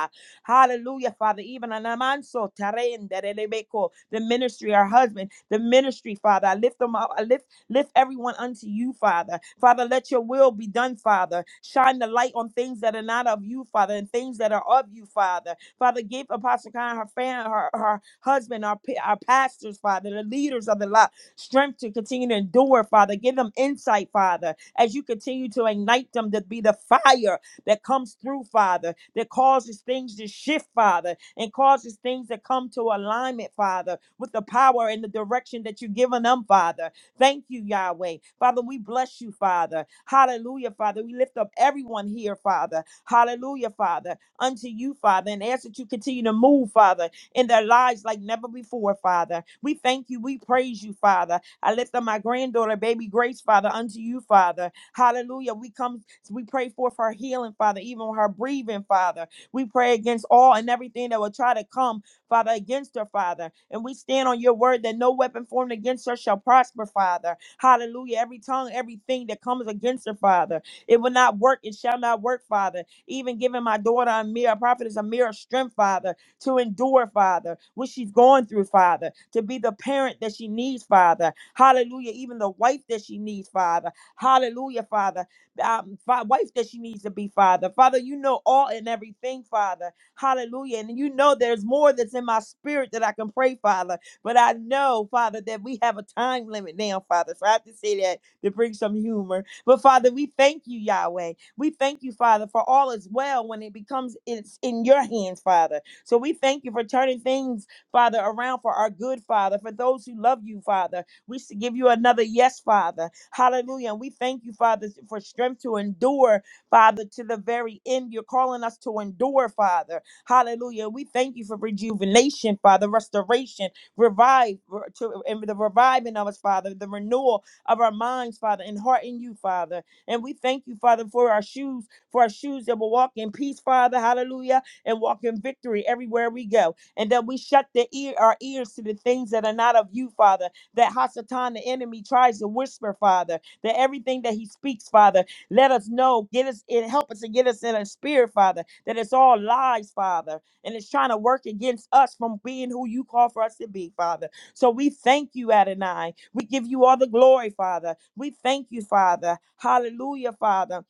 C: Hallelujah, Father. Even Anamanso Tarende Rebeko, the ministry, our husband, the ministry, Father. I lift them up. I lift lift everyone unto you, Father. Father, let your will be done, Father. Shine the light on things that are not of you, Father, and things that are of you, Father. Father, give Apostle Khan, her fan, her, her husband, our, pa- our pastors, Father, the leaders of the lot, strength to continue to endure, Father. Give them insight, Father, as you continue to ignite them to be the fire that comes through, Father, that causes things to shift, Father, and causes things to come to alignment, Father, with the power and the direction that you've given them, Father. Thank you, Yahweh. Father, we bless you, Father. Hallelujah, Father. We lift up everyone here, Father. Hallelujah, Father, unto you, Father, and ask that you continue to move, Father, in their lives like never before, Father. We thank you. We praise you, Father. I lift up my granddaughter, baby Grace, Father, unto you, Father. Hallelujah. We come so we pray for her healing, Father, even her breathing, Father. We pray against all and everything that will try to come, Father, against her, Father. And we stand on your word that no weapon formed against her shall prosper, Father. Hallelujah. Every tongue, everything that comes against her, Father, it will not work. It shall not work, Father. Even giving my daughter a mere prophet is a mere strength, Father, to endure, Father, what she's going through, Father, to be the parent that she needs, Father. Hallelujah. Even the wife that she needs, Father. Hallelujah, Father um, fi- wife that she needs to be, Father. Father, you know all and everything, Father. Hallelujah. And you know there's more that's in my spirit that I can pray, Father. But I know, Father, that we have a time limit now, Father. So I have to say that to bring some humor. But Father, we thank you, Yahweh. We thank you, Father, for all is well when it becomes it's in your hands, Father. So we thank you for turning things, Father, around for our good, Father, for those who love you, Father. We s- give you another yes, Father. Hallelujah. And we thank you, Father, for strength to endure, Father, to the very end. You're calling us to endure, Father. Hallelujah. We thank you for rejuvenation, Father, restoration, revive, re- to, and the reviving of us, Father, the renewal of our minds, Father, and heart in you, Father. And we thank you, Father, for our shoes, for our shoes that will walk in peace, Father. Hallelujah. And walk in victory everywhere we go. And that we shut the ear, our ears to the things that are not of you, Father that Hasatan, the enemy, tries to whisper, Father, that everything that he speaks, Father, let us know, get us, it help us to get us in a spirit, Father, that it's all lies, Father, and it's trying to work against us from being who you call for us to be, Father. So we thank you, Adonai. We give you all the glory, Father. We thank you, Father. Hallelujah, Father.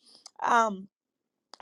C: Um,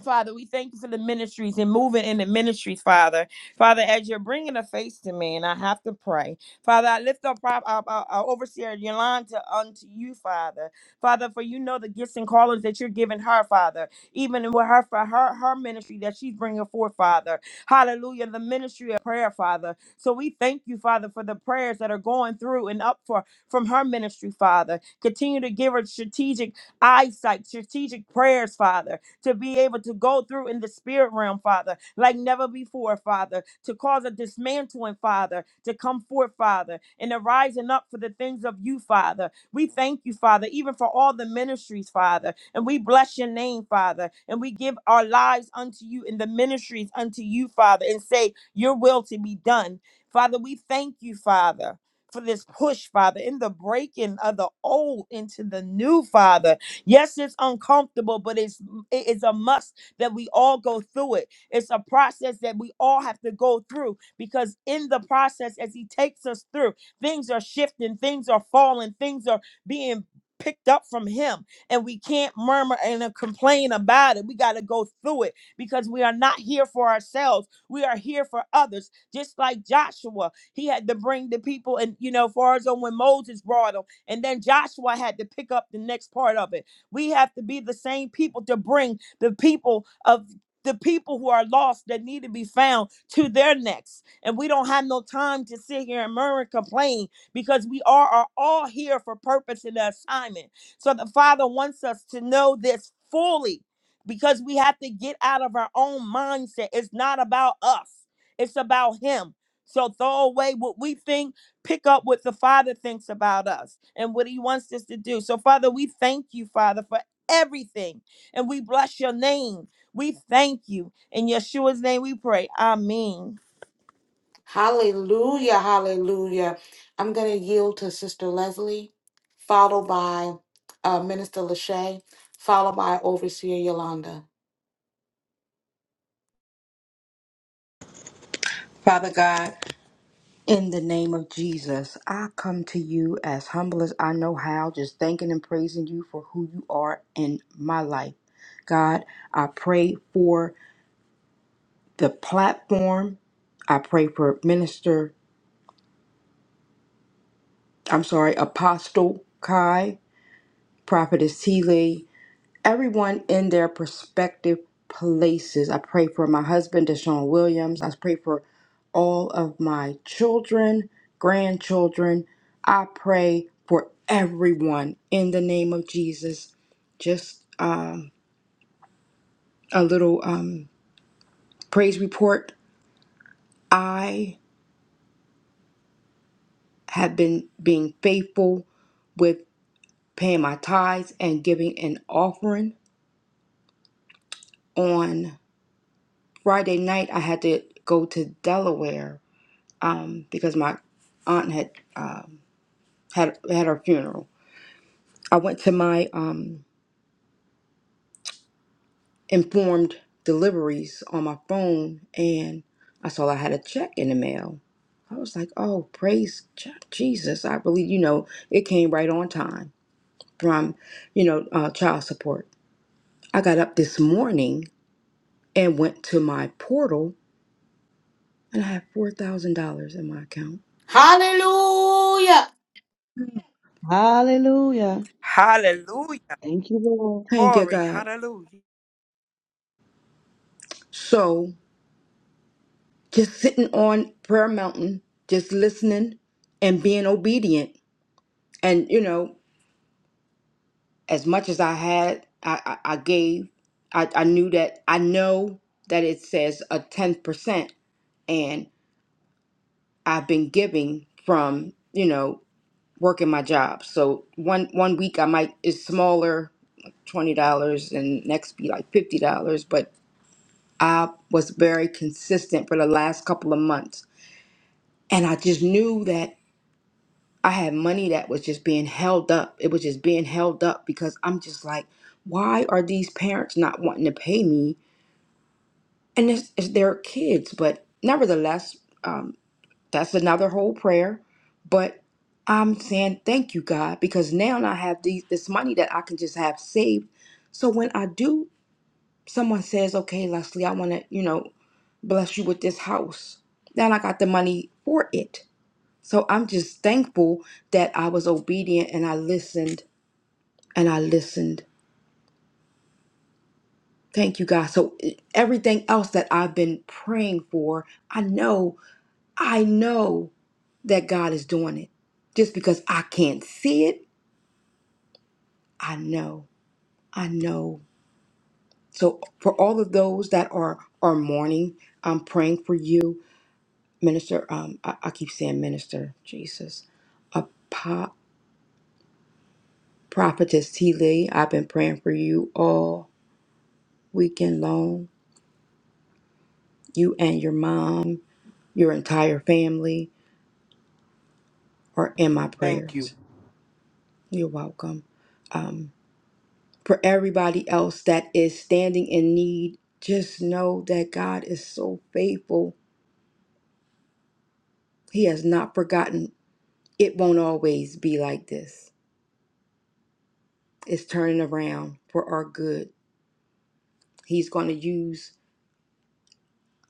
C: Father, we thank you for the ministries and moving in the ministries, Father. Father, as you're bringing a face to me, and I have to pray. Father, I lift up our, our, our our overseer Yolanda unto you, Father. Father, for you know the gifts and callings that you're giving her, Father, even with her for her, her ministry that she's bringing forth, Father. Hallelujah, the ministry of prayer, Father. So we thank you, Father, for the prayers that are going through and up for from her ministry, Father. Continue to give her strategic eyesight, strategic prayers, Father to be able to go through in the spirit realm, Father, like never before, Father, to cause a dismantling, Father, to come forth, Father, and a rising up for the things of you, Father. We thank you, Father, even for all the ministries, Father, and we bless your name, Father, and we give our lives unto you in the ministries unto you, Father, and say, Your will to be done. Father, we thank you, Father. For this push, Father, in the breaking of the old into the new, Father, Yes, it's uncomfortable, but it's it is a must that we all go through it. It's a process that we all have to go through because in the process, as he takes us through, things are shifting, things are falling, things are being picked up from him and we can't murmur and uh, complain about it we got to go through it because we are not here for ourselves we are here for others just like joshua he had to bring the people and you know far as on when moses brought them and then joshua had to pick up the next part of it we have to be the same people to bring the people of the people who are lost that need to be found to their necks. And we don't have no time to sit here and murmur and complain because we are, are all here for purpose and assignment. So the Father wants us to know this fully because we have to get out of our own mindset. It's not about us, it's about Him. So throw away what we think pick up what the Father thinks about us and what He wants us to do. So, Father, we thank you, Father, for everything. And we bless your name. We thank you. In Yeshua's name we pray. Amen.
A: Hallelujah, hallelujah. I'm going to yield to Sister Leslie, followed by uh, Minister Lachey, followed by Overseer Yolanda.
D: Father God, in the name of Jesus, I come to you as humble as I know how, just thanking and praising you for who you are in my life. God, I pray for the platform. I pray for Minister, I'm sorry, Apostle Kai, Prophetess Healy, everyone in their prospective places. I pray for my husband, Deshaun Williams. I pray for all of my children, grandchildren. I pray for everyone in the name of Jesus. Just um, a little um, praise report. I have been being faithful with. paying my tithes and giving an offering. On Friday night, I had to go to Delaware um, because my aunt had um, had had her funeral. I went to my um, informed deliveries on my phone, and I saw I had a check in the mail. I was like, "Oh, praise Je- Jesus!" I really, you know, it came right on time from, you know, uh, child support. I got up this morning and went to my portal and I have four thousand dollars in my account.
A: Hallelujah,
C: Hallelujah.
D: Thank you,
C: Glory.
D: God. So just sitting on prayer mountain, just listening and being obedient. And you know, as much as I had, I I, I gave. I, I knew that I know that it says a ten percent, and I've been giving from you know working my job. So one one week I might is smaller, like twenty dollars, and next be like fifty dollars, but I was very consistent for the last couple of months. And I just knew that I had money that was just being held up. It was just being held up because I'm just like, why are these parents not wanting to pay me? And it's, it's their kids. But nevertheless, um, that's another whole prayer. But I'm saying thank you, God, because now I have these, this money that I can just have saved. So when I do, someone says, okay, Leslie, I want to, you know, bless you with this house. Now I got the money for it. So I'm just thankful that I was obedient and I listened and I listened. Thank you, God. So eh, everything else that I've been praying for, I know, I know that God is doing it. Just because I can't see it, I know, I know. So for all of those that are are mourning, I'm praying for you, minister. Um, I, I keep saying minister, Jesus, Prophetess T. Lee, I've been praying for you all weekend long. You and your mom, your entire family are in my
G: Thank you.
D: prayers. You're welcome. Um, for everybody else that is standing in need, just know that God is so faithful. He has not forgotten. It won't always be like this. It's turning around for our good. He's going to use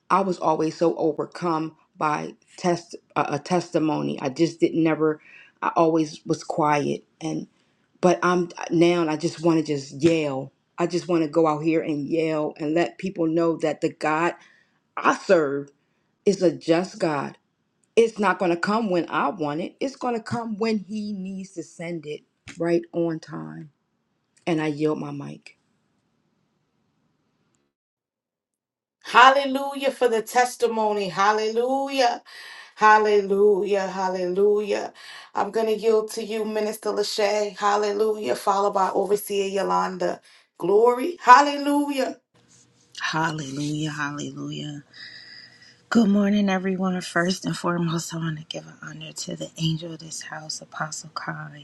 D: I was always so overcome by test a, a testimony. I just didn't never. I always was quiet, and but I'm now. I just want to just yell. I just want to go out here and yell and let people know that the God I serve is a just God. It's not going to come when I want it. It's going to come when He needs to send it right on time. And I yield my mic.
A: hallelujah for the testimony. Hallelujah, hallelujah, hallelujah. I'm going to yield to you, Minister Lachey. Hallelujah, followed by Overseer Yolanda. Glory, hallelujah.
B: Hallelujah. Hallelujah. Good morning, everyone. First and foremost, I want to give an honor to the angel of this house, Apostle Kai.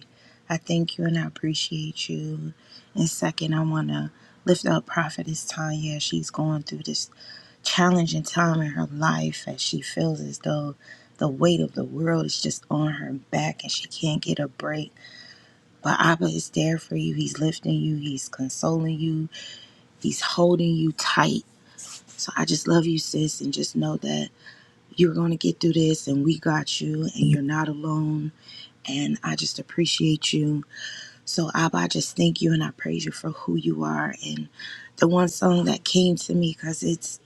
B: I thank you and I appreciate you. And second, I want to lift up Prophetess Tanya. She's going through this challenging time in her life as she feels as though the weight of the world is just on her back and she can't get a break. But Abba is there for you. He's lifting you, He's consoling you, He's holding you tight. So I just love you, sis, and just know that. You're going to get through this, and we got you, and you're not alone. And I just appreciate you. So, Abba, I just thank you and I praise you for who you are. And the one song that came to me, because it's,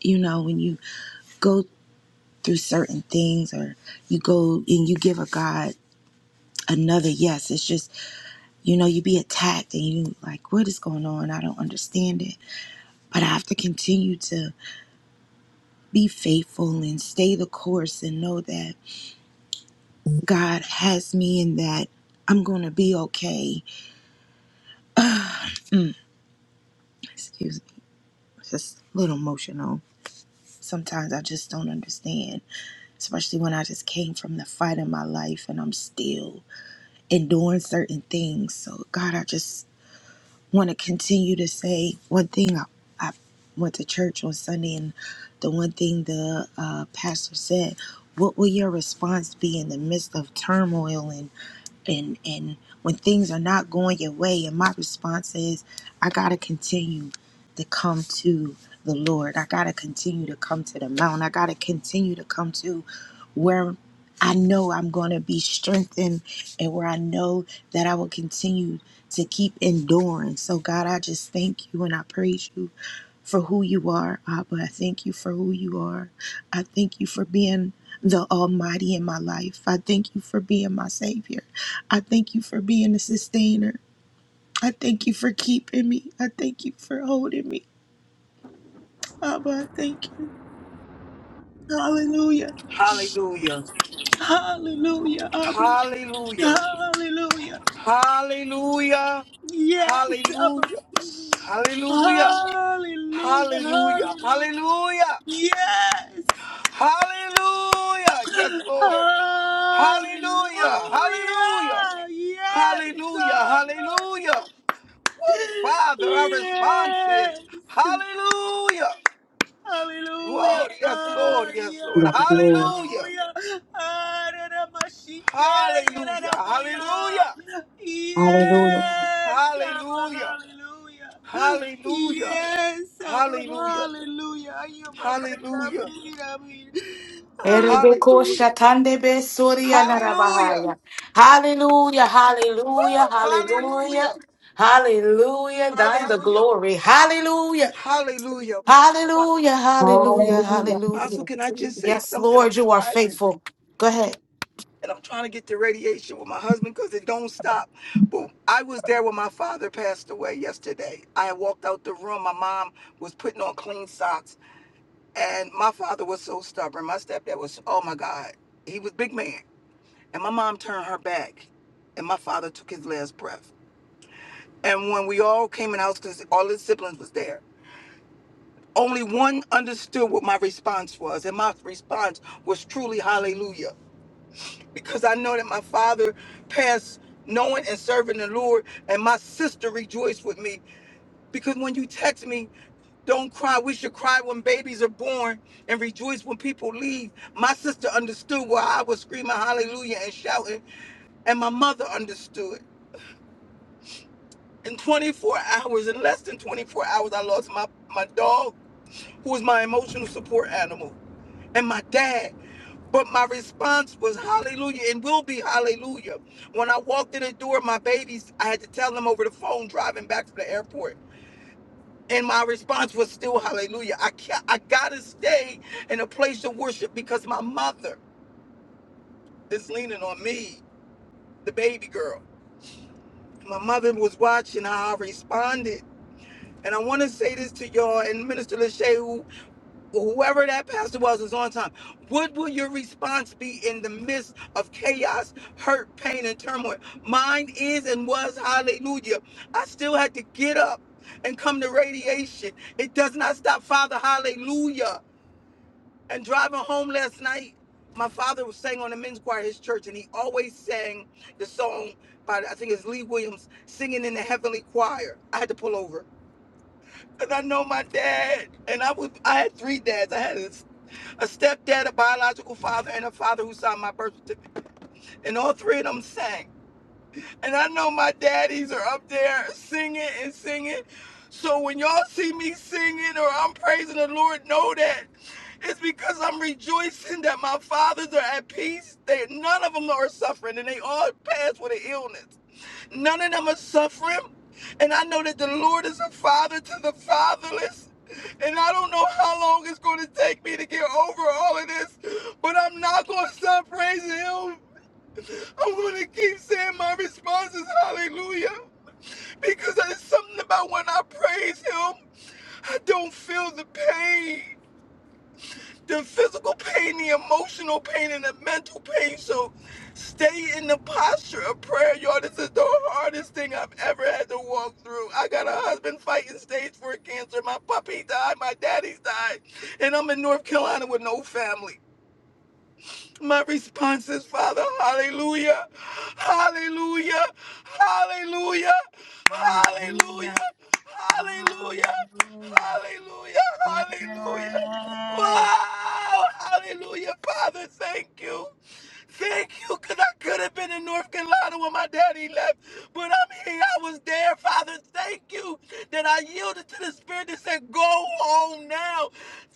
B: you know, when you go through certain things or you go and you give a God another yes, it's just, you know, you be attacked and you like, what is going on? I don't understand it. But I have to continue to be faithful and stay the course and know that. God has me in that I'm going to be okay. Excuse me, just a little emotional. Sometimes I just don't understand, especially when I just came from the fight in my life and I'm still enduring certain things. So, God, I just want to continue to say one thing. I, I went to church on Sunday, and the one thing the uh, pastor said, What will your response be in the midst of turmoil and and and when things are not going your way and my response is i gotta continue to come to the lord i gotta continue to come to the mountain i gotta continue to come to where I know I'm going to be strengthened and where I know that I will continue to keep enduring. So, God, I just thank you and I praise you for who you are, Abba. I thank you for who you are. I thank you for being the Almighty in my life. I thank you for being my Savior. I thank you for being a sustainer. I thank you for keeping me. I thank you for holding me. Abba, I thank you. Hallelujah.
G: Hallelujah.
B: Hallelujah. Abba.
G: Hallelujah.
B: Hallelujah.
G: Hallelujah.
B: Yes, Abba.
G: Hallelujah. Hallelujah.
B: Hallelujah,
G: Hallelujah.
B: hallelujah.
G: Hallelujah.
B: Yes.
G: Hallelujah. Yes, Lord.
B: Hallelujah.
G: Hallelujah. Hallelujah.
B: Yes,
G: Hallelujah.
B: Abba.
G: Hallelujah. Woo, Father, our response is
B: Yes.
G: hallelujah.
B: Hallelujah.
G: Lord, yes, Lord, yes, Lord.
B: Hallelujah.
G: Hallelujah.
B: Hallelujah.
G: Hallelujah. Hallelujah.
B: Hallelujah. Yes, Abba,
G: Hallelujah.
B: hallelujah.
G: Hallelujah.
B: Yes, Abba,
G: Hallelujah.
B: hallelujah. Ayo, Baba,
G: Hallelujah.
B: amen, amen. Hallelujah.
A: Erebeko
G: Hallelujah.
A: shatandebe soria
G: Hallelujah.
A: narabahaya. Hallelujah, hallelujah,
G: Woo!
A: hallelujah,
G: Hallelujah.
A: hallelujah. Thine the
G: Hallelujah.
A: great hallelujah,
G: Hallelujah. Wa-
A: hallelujah, hallelujah.
G: Apostle, can I just say
A: Yes,
G: something? I'm driving
A: Lord.
G: and I'm trying to get the radiation with my husband because it don't stop. But I was there when my father passed away yesterday. I had walked out the room. My mom was putting on clean socks, and my father was so stubborn. My stepdad was, oh my God, he was big man And my mom turned her back, and my father took his last breath. And when we all came in the house, because all his siblings was there, only one understood what my response was, and my response was truly hallelujah, because I know that my father passed knowing and serving the Lord, and my sister rejoiced with me, because when you text me, don't cry. We should cry when babies are born and rejoice when people leave. My sister understood why I was screaming hallelujah and shouting, and my mother understood. in 24 hours, in less than 24 hours, I lost my, my dog, who was my emotional support animal, and my dad. But my response was hallelujah and will be hallelujah. When I walked in the door, my babies, I had to tell them over the phone driving back from the airport. And my response was still hallelujah. I can't, I gotta stay in a place of worship because my mother is leaning on me, the baby girl. My mother was watching how I responded. And I want to say this to y'all and Minister Lachey, who whoever that pastor was is on time. What will your response be in the midst of chaos, hurt, pain, and turmoil? Mine is and was hallelujah. I still had to get up and come to radiation. It does not stop, Father, hallelujah. And driving home last night, my father was sang on the men's choir at his church, and he always sang the song by I think it's Lee Williams, singing in the heavenly choir. I had to pull over. And I know my dad, and I was I had three dads. I had a a stepdad, a biological father, and a father who signed my birth certificate. And all three of them sang. And I know my daddies are up there singing and singing. So when y'all see me singing or I'm praising the Lord, know that it's because I'm rejoicing that my fathers are at peace. They none of them are suffering, and they all passed with an illness. None of them are suffering. And I know that the Lord is a father to the fatherless. And I don't know how long it's going to take me to get over all of this, but I'm not going to stop praising Him. I'm going to keep saying my responses, hallelujah. Because there's something about when I praise Him, I don't feel the pain the physical pain, the emotional pain, and the mental pain. So stay in the posture of prayer, y'all. This is the hardest thing I've ever had to walk through. I got a husband fighting stage four cancer. My puppy died. My daddy's died. And I'm in North Carolina with no family. My response is, Father, hallelujah, hallelujah, hallelujah,
B: Hallelujah.
G: hallelujah, hallelujah,
B: Hallelujah.
G: hallelujah, hallelujah.
B: Yes.
G: Wow, hallelujah, Father, thank you. Thank you, because I could have been in North Carolina when my daddy left, but I'm here. I was there. Father, thank you that I yielded to the Spirit that said, Go home now.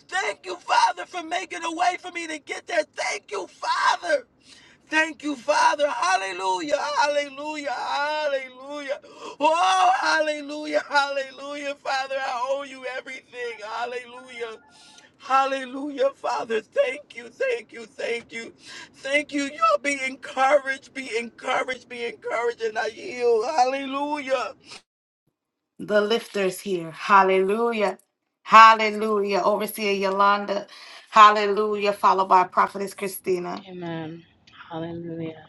G: Thank you, Father, for making a way for me to get there. Thank you, Father. Thank you, Father. Hallelujah. Hallelujah. Hallelujah. Oh, hallelujah. Hallelujah. Father, I owe you everything. Hallelujah. Hallelujah, Father. Thank you, thank you, thank you. Thank you. Y'all be encouraged, be encouraged, be encouraged, and I yield. Hallelujah.
A: The lifter's here. Hallelujah, hallelujah. Overseer Yolanda, hallelujah. Followed by Prophetess Christina.
E: Amen. Hallelujah.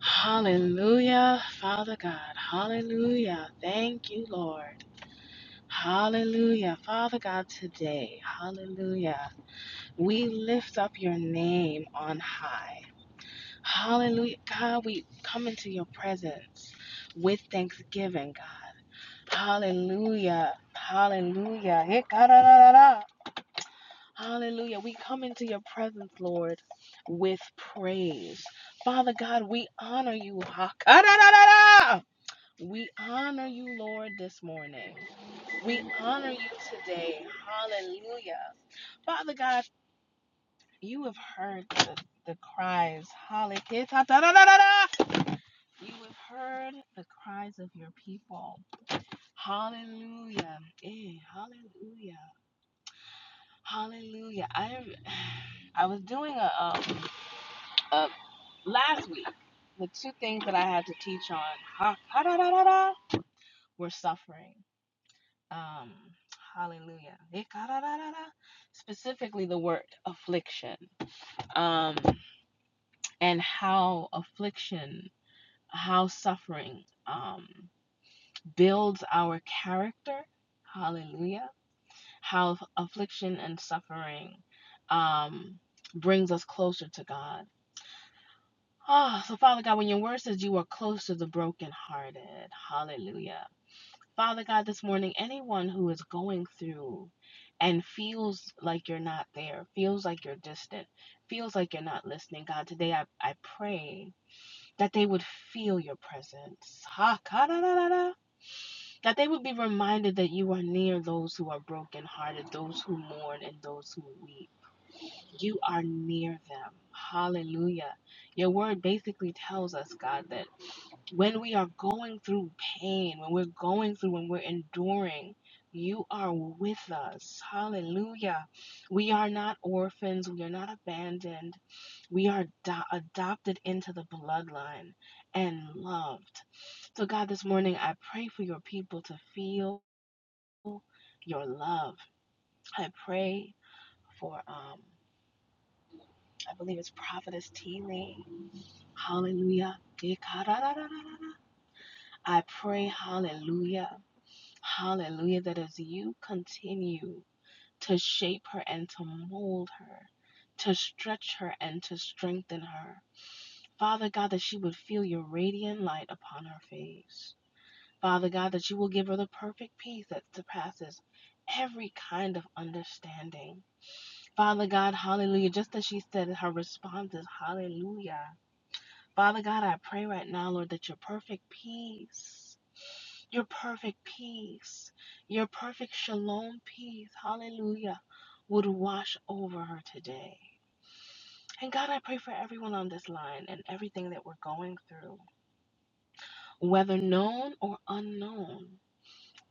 E: Hallelujah, Father God. Hallelujah. Thank you, Lord. Hallelujah, Father God, today. Hallelujah. We lift up your name on high. Hallelujah. God, we come into your presence with thanksgiving, God. Hallelujah. Hallelujah. Hallelujah. We come into your presence, Lord, with praise. Father God, we honor you. ha We honor you, Lord, this morning. We honor you today. Hallelujah. Father God, you have heard the, the cries. Hallelujah. You have heard the cries of your people. Hallelujah. Eh, hallelujah. Hallelujah. I am I was doing a um, a Last week, the two things that I had to teach on ha, ha, da, da, da, da, were suffering. Um, hallelujah. Eh, ka, da, da, da, da. Specifically, the word affliction um, and how affliction, how suffering um, builds our character. Hallelujah. How affliction and suffering um, brings us closer to God Oh, so Father God, when your word says you are close to the brokenhearted, hallelujah. Father God, this morning, anyone who is going through and feels like you're not there, feels like you're distant, feels like you're not listening, God, today I, I pray that they would feel your presence. Ha, ka, da, da, da, da. That they would be reminded that you are near those who are brokenhearted, those who mourn, and those who weep. You are near them. Hallelujah. Your word basically tells us, God, that when we are going through pain, when we're going through, when we're enduring, you are with us. Hallelujah. We are not orphans. We are not abandoned. We are do- adopted into the bloodline and loved. So, God, this morning I pray for your people to feel your love. I pray for. Um, I believe it's Prophetess T. Lee. Hallelujah. I pray, hallelujah, hallelujah, that as you continue to shape her and to mold her, to stretch her and to strengthen her, Father God, that she would feel your radiant light upon her face. Father God, that you will give her the perfect peace that surpasses every kind of understanding. Father God, hallelujah, just as she said, her response is hallelujah. Father God, I pray right now, Lord, that your perfect peace, your perfect peace, your perfect shalom peace, hallelujah, would wash over her today. And God, I pray for everyone on this line and everything that we're going through, whether known or unknown.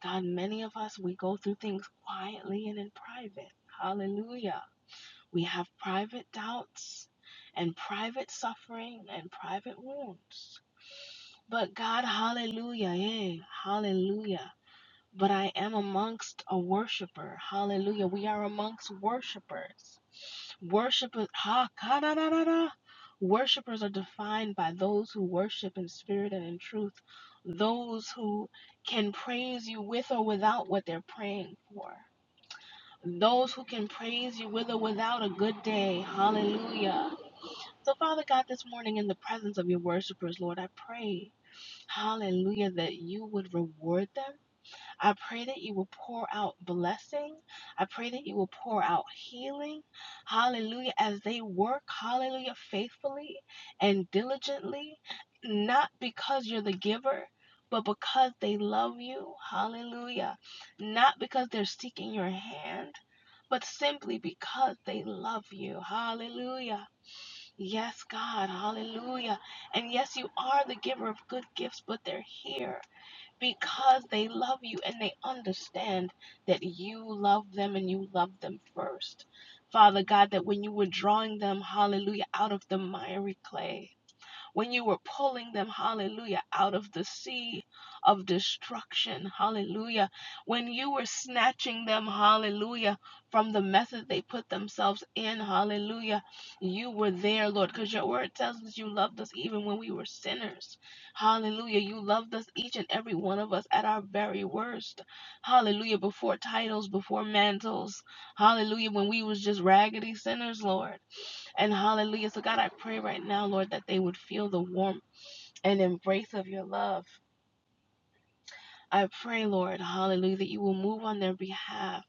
E: God, many of us, we go through things quietly and in private. Hallelujah. We have private doubts and private suffering and private wounds. But God, hallelujah, yeah, hallelujah. But I am amongst a worshiper. Hallelujah. We are amongst worshipers. Worshipers, ha, ka, da, da, da, da. Worshipers are defined by those who worship in spirit and in truth, those who can praise you with or without what they're praying for, those who can praise you with or without a good day. Hallelujah. So, Father God, this morning in the presence of your worshipers, Lord, I pray. Hallelujah, that you would reward them. I pray that you will pour out blessing. I pray that you will pour out healing. Hallelujah, as they work, hallelujah, faithfully and diligently, not because you're the giver. But because they love you, hallelujah. Not because they're seeking your hand, but simply because they love you, hallelujah. Yes, God, hallelujah. And yes, you are the giver of good gifts, but they're here because they love you and they understand that you love them and you love them first. Father God, that when you were drawing them, hallelujah, out of the miry clay, when you were pulling them, hallelujah, out of the sea of destruction, hallelujah, when you were snatching them, hallelujah, from the method they put themselves in, hallelujah, you were there, Lord, because your word tells us you loved us even when we were sinners, hallelujah, you loved us, each and every one of us, at our very worst, hallelujah, before titles, before mantles, hallelujah, when we was just raggedy sinners, Lord. And hallelujah. So, God, I pray right now, Lord, that they would feel the warmth and embrace of your love. I pray, Lord, hallelujah, that you will move on their behalf.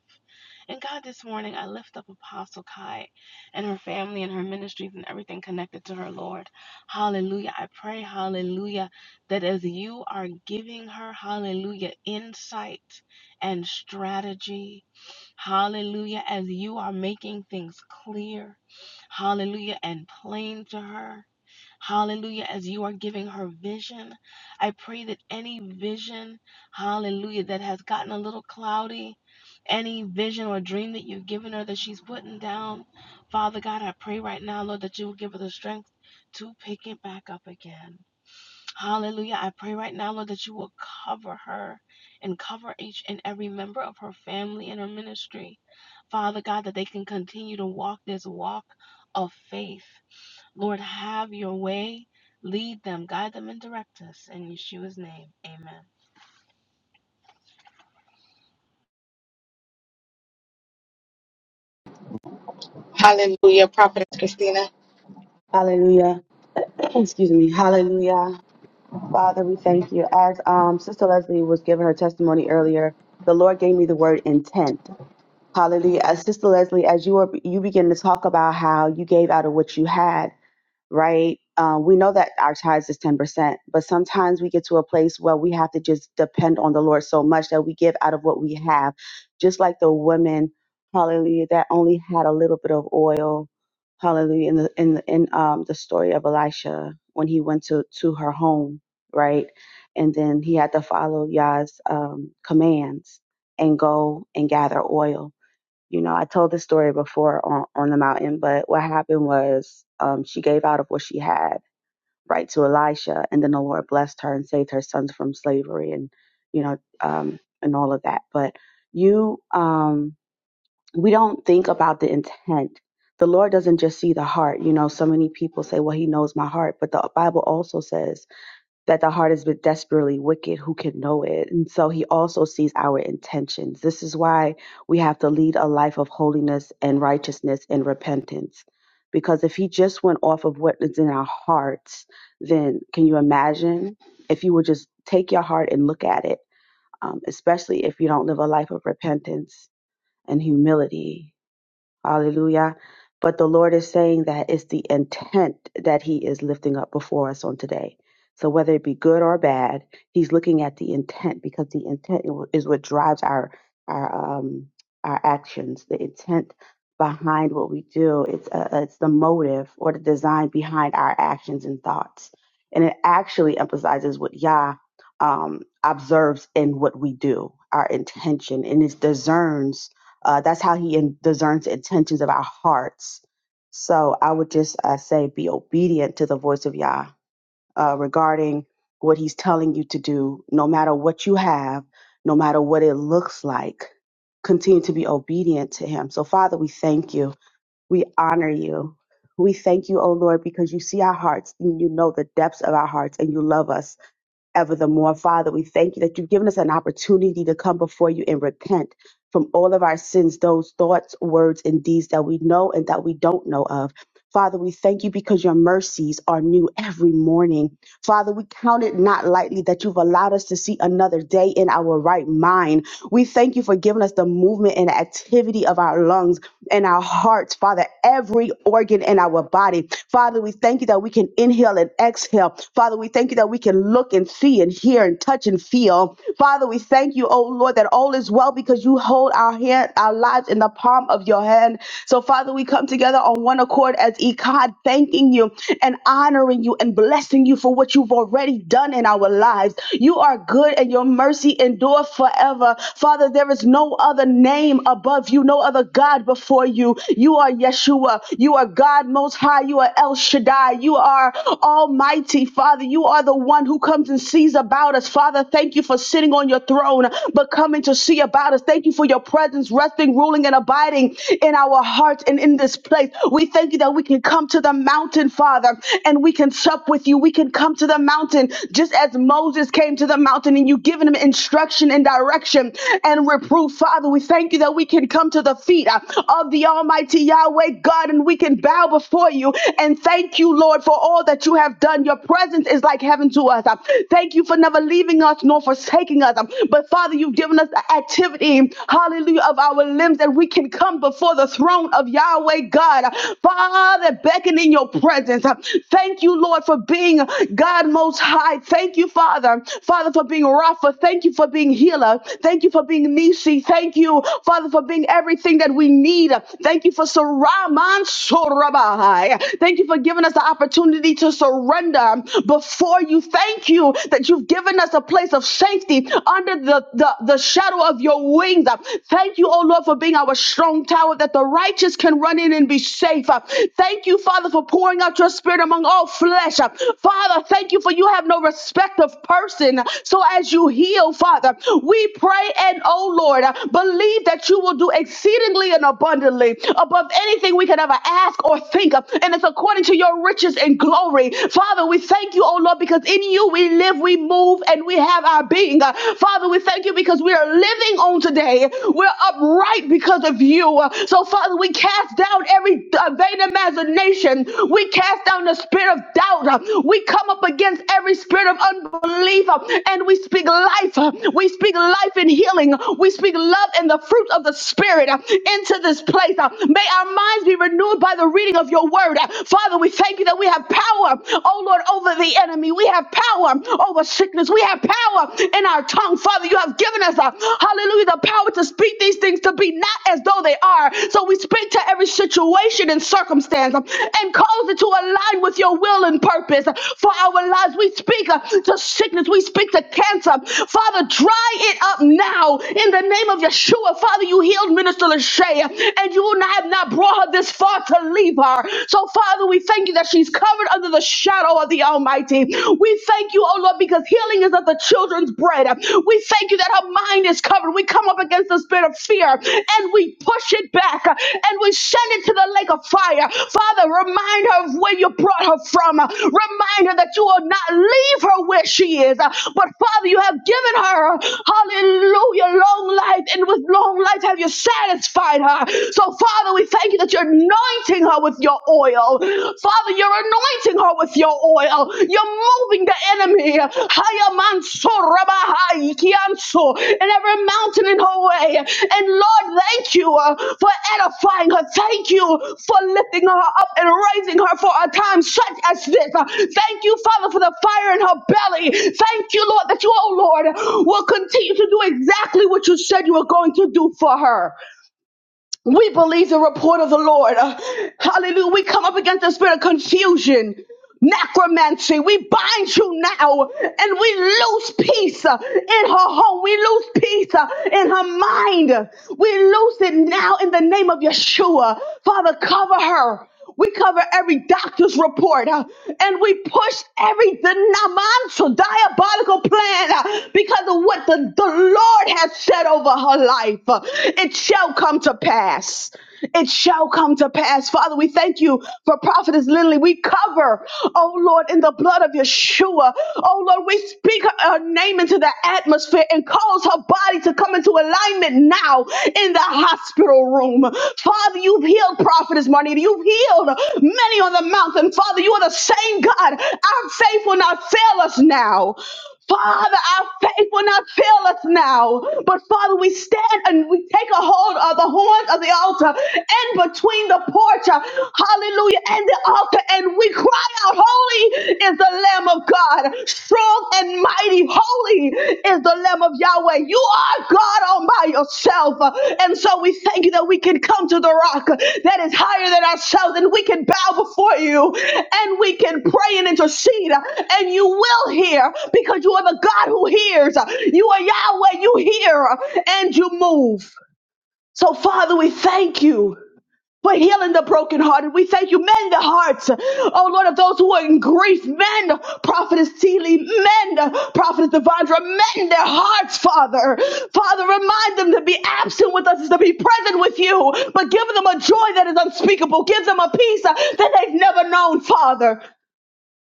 E: And God, this morning, I lift up Apostle Kai and her family and her ministries and everything connected to her, Lord. Hallelujah. I pray, hallelujah, that as you are giving her, hallelujah, insight and strategy, hallelujah, as you are making things clear, hallelujah, and plain to her. Hallelujah. As you are giving her vision, I pray that any vision, hallelujah, that has gotten a little cloudy, any vision or dream that you've given her that she's putting down, Father God, I pray right now, Lord, that you will give her the strength to pick it back up again. Hallelujah. I pray right now, Lord, that you will cover her and cover each and every member of her family and her ministry. Father God, that they can continue to walk this walk of faith. Lord, have your way. Lead them, guide them, and direct us. In Yeshua's name, amen.
H: we have ends because then can you if you would just take a look at it um and he Aliyah, but they had these lives our, our our actions behind uh, us or the design behind our actions and thoughts and it really emphasizes how, um observe our intention and it discerns uh that's how he discerns things of our hearts so it would just be yeah. what he's telling you to do, no matter what you have, no matter what it looks like, continue to be obedient to him. So, Father, we thank you. We honor you. We thank you, O Lord, because you see our hearts and you know the depths of our hearts and you love us evermore. Father, we thank you that you've given us an opportunity to come before you and repent from all of our sins, those thoughts, words, and deeds that we know and that we don't know of. Father, we thank you because your mercies are new every morning. Father, we count it not lightly that you've allowed us to see another day in our right mind. We thank you for giving us the movement and activity of our lungs in our hearts, Father, every organ in our body. Father, we thank you that we can inhale and exhale. Father, we thank you that we can look and see and hear and touch and feel. Father, we thank you, oh Lord, that all is well because you hold our hand, our lives in the palm of your hand. So, Father, we come together on one accord as Ecod, thanking you and honoring you and blessing you for what you've already done in our lives. You are good and your mercy endure forever. Father, there is no other name above you, no other God before you. You are Yeshua. You are God Most High. You are El Shaddai. You are Almighty, Father. You are the one who comes and sees about us. Father, thank you for sitting on your throne, but coming to see about us. Thank you for your presence resting, ruling, and abiding in our hearts and in this place. We thank you that we can come to the mountain, Father, and we can sup with you. We can come to the mountain just as Moses came to the mountain and you given him instruction and direction and reproof, Father. We thank you that we can come to the feet uh, of the Almighty Yahweh God and we can bow before you and thank you, Lord, for all that you have done. Your presence is like heaven to us. Uh, Thank you for never leaving us nor forsaking us. Um, But Father, you've given us us the activity, hallelujah, of our limbs that we can come before the throne of Yahweh God. Father, beckon in your presence. Thank you, Lord, for being God most high. Thank you, Father. Father, for being Rapha. Thank you for being healer. Thank you for being Nisi. Thank you, Father, for being everything that we need. Thank you for Saraman Sorabai. Thank you for giving us the opportunity to surrender before you. Thank you that you've given us a place of of safety under the, the, the shadow of your wings. Uh, Thank you, oh Lord, for being our strong tower that the righteous can run in and be safe. Uh, Thank you, Father, for pouring out your spirit among all flesh. Uh, Father, thank you for you have no respect of person. So as you heal, Father, we pray and, oh Lord, uh, believe that you will do exceedingly and abundantly above anything we can ever ask or think. of, And it's according to your riches and glory. Father, we thank you, oh Lord, because in you you we live, we move, and we have our being. Uh, Father, we thank you because we are living on today. We're upright because of you. Uh, So, Father, we cast down every uh, vain imagination. We cast down the spirit of doubt. Uh, We come up against every spirit of unbelief uh, and we speak life. Uh, We speak life and healing. We speak love and the fruit of the Spirit uh, into this place. Uh, May our minds be renewed by the reading of your word. Uh, Father, we thank you that we have power power, oh Lord, over the enemy. We have power over sickness. We have power in our tongue. Father, you have given us, a, hallelujah, the power to speak these things to be not as though they are. So we speak to every situation and circumstance um, and cause it to align with your will and purpose uh, for our lives. We speak uh, to sickness. We speak to cancer. Father, dry it up now in the name of Yeshua. Father, you healed Minister Lachey uh, and you will not have not brought her this far to leave her. So, Father, we thank you that she's covered under the shadow of the Almighty. We thank you, oh Lord, because healing is of the children's bread. We thank you that her mind is covered. We come up against the spirit of fear and we push it back and we send it to the lake of fire. Father, remind her of where you brought her from. Remind her that you will not leave her where she is. But Father, you have given her, hallelujah, long life, and with long life have you satisfied her. So, Father, we thank thank you that you're anointing her with your oil. Father, you're anointing her with your oil. You're moving the enemy. Haya manso rabahai kianso, And every mountain in her way. And Lord, thank you uh, for edifying her. Thank you for lifting her up and raising her for a time such as this. Uh, Thank you, Father, for the fire in her belly. Thank you, Lord, that you, oh Lord, will continue to do exactly what you said you were going to do for her. We believe the report of the Lord. Uh, hallelujah. We come up against the spirit of confusion, necromancy. We bind you now and we lose peace uh, in her home. We lose peace uh, in her mind. We lose it now in the name of Yeshua. Father, cover her. We cover every doctor's report uh, and we push every denominational diabolical plan uh, because of what the, the Lord has said over her life. Uh, It shall come to pass. It shall come to pass. Father, we thank you for Prophetess Lindley. We cover, oh oh Lord, in the blood of Yeshua. Oh Lord, we speak her her name into the atmosphere and cause her body to come into alignment now in the hospital room. Father, you've healed Prophetess Marnita. You've healed many on the mountain. Father, you are the same God. Our faith will not fail us now. Father, our faith will not fail us now. But Father, we stand and we take a hold of the horns of the altar in between the porch, uh, hallelujah, and the altar, and we cry out, Holy is the Lamb of God, strong and mighty, holy is the Lamb of Yahweh. But you are God all by yourself. And so we thank you that we can come to the rock that is higher than ourselves and we can bow before you and we can pray and intercede. And you will hear because you are the God who hears. You are Yahweh, you hear and you move. So, Father, we thank you for healing the brokenhearted. We thank you. Mend the hearts, oh Lord, of those who are in grief. Mend, Prophetess Teely. Mend, Prophetess Devondra. Mend their hearts, Father. Father, remind them to be absent with us is to be present with you, but give them a joy that is unspeakable. Give them a peace uh, that they've never known, Father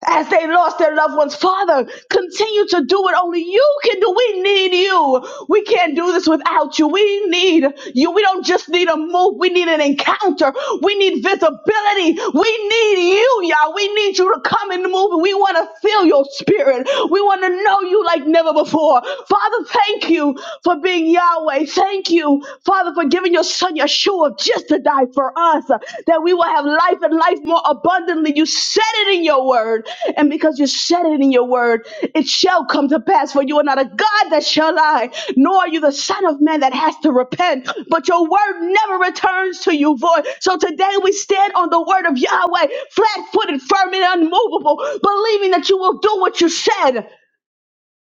H: as they lost their loved ones. Father, continue to do what only you can do. We need you. We can't do this without you. We need you. We don't just need a move. We need an encounter. We need visibility. We need you, y'all. We need you to come and move. We want to feel your spirit. We want to know you like never before. Father, thank you for being Yahweh. Thank you, Father, for giving your son Yeshua just to die for us, uh, that we will have life and life more abundantly. You said it in your word. And because you said it in your word, it shall come to pass. For you are not a God that shall lie, nor are you the Son of Man that has to repent. But your word never returns to you void. So today we stand on the word of Yahweh, flat footed, firm, and unmovable, believing that you will do what you said.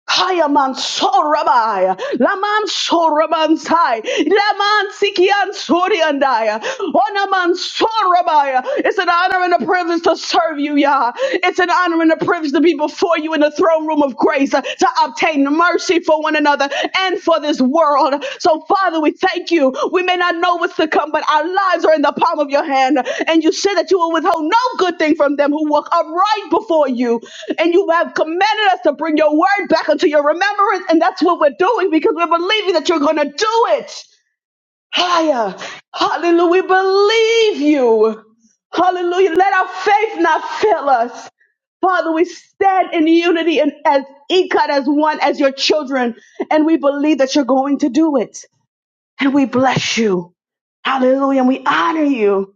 H: Kayaman Sorabai, Laman Sorabansai, Laman Sikian Soriandai, Onaman Sorabai. It's an honor and a privilege to serve you, Yah. It's an honor and a privilege to be before you in the throne room of grace uh, to obtain mercy for one another and for this world. So, Father, we thank you. We may not know what's to come, but our lives are in the palm of your hand. And you said that you will withhold no good thing from them who walk upright before you. And you have commanded us to bring your word back unto your remembrance. And that's what we're doing because we're believing that you're going to do it. Higher. Hallelujah. We believe you. Hallelujah. Let our faith not fail us. Father, we stand in unity and as Ikat as one as your children, and we believe that you're going to do it. And we bless you. Hallelujah. And we honor you.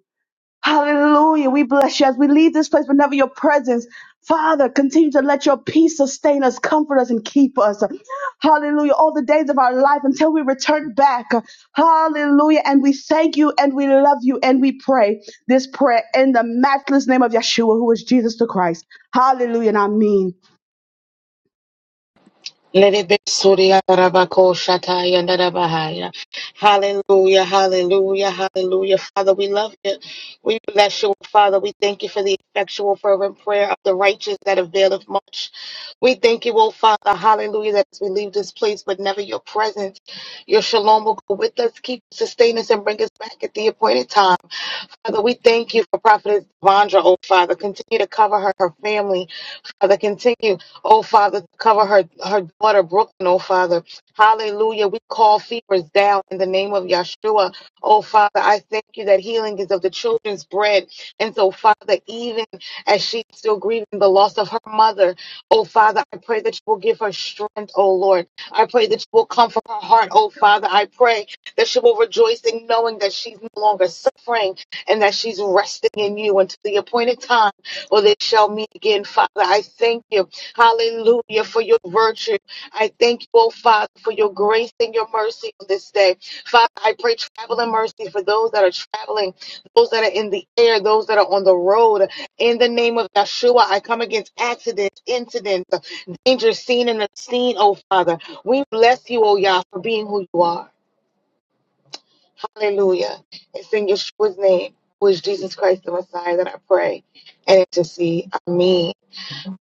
H: Hallelujah. We bless you as we leave this place, Whenever your presence. Father, continue to let your peace sustain us, comfort us, and keep us. Hallelujah. All the days of our life until we return back. Hallelujah. And we thank you and we love you and we pray this prayer in the matchless name of Yeshua, who is Jesus the Christ. Hallelujah. And I mean.
A: Lerebe surya rabako shataya narabahaya. Hallelujah, hallelujah, hallelujah. Father, we love you. We bless you, Father. We thank you for the effectual, fervent prayer of the righteous that availeth much. We thank you, oh Father, hallelujah, that as we leave this place, but never your presence. Your shalom will go with us, keep, sustain us, and bring us back at the appointed time. Father, we thank you for Prophetess Vondra, oh Father. Continue to cover her, her family. Father, continue, oh Father, to cover her, her daughter Brooklyn, oh Father. Hallelujah. We call fevers down in the name of Yeshua. Oh Father, I thank you that healing is of the children's bread. And so, Father, even as she's still grieving the loss of her mother, oh Father, I pray that you will give her strength, oh Lord. I pray that you will comfort her heart, oh Father. I pray that she will rejoice in knowing that she's no longer suffering and that she's resting in you until the appointed time. Or they shall meet again, Father. I thank you, hallelujah, for your virtue. I thank you, oh Father, for your grace and your mercy on this day. Father, I pray traveling mercy for those that are traveling, those that are in the air, those that are on the road. In the name of Yeshua, I come against accidents, incidents, danger seen and unseen, oh Father. We bless you, oh Yah, for being who you are. Hallelujah. It's in Yeshua's name, who is Jesus Christ the Messiah, that I pray and intercede. Amen.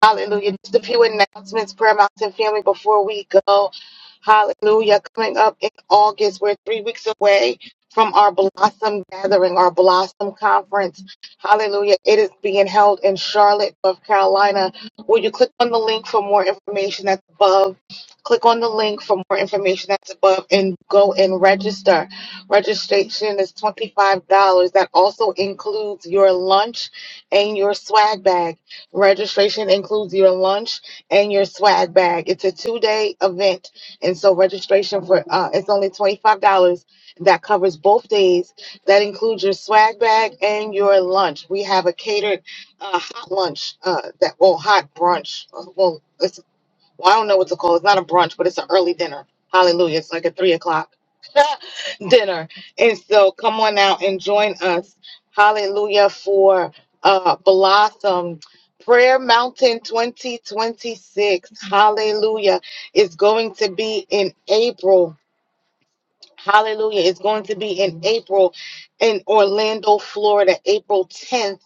A: Hallelujah. Just a few announcements, Prayer Mountain family, before we go. Hallelujah. Coming up in August, we're three weeks away from our Blossom Gathering, our Blossom Conference. Hallelujah. It is being held in Charlotte, North Carolina. Will you click on the link for more information that's above? Click on the link for more information that's above and go and register. Registration is $25. That also includes your lunch and your swag bag. Registration includes your lunch and your swag bag. It's a two day event. And so registration for uh, it's only $25. That covers both days. That includes your swag bag and your lunch. We have a catered uh, hot lunch uh, that well hot brunch. Uh, Well, it's well, I don't know what to call. it. It's not a brunch, but it's an early dinner. Hallelujah! It's like a three o'clock dinner, and so come on out and join us. Hallelujah for uh, Blossom Prayer Mountain 2026. Hallelujah is going to be in April Hallelujah. It's going to be in April in Orlando, Florida, April 10th.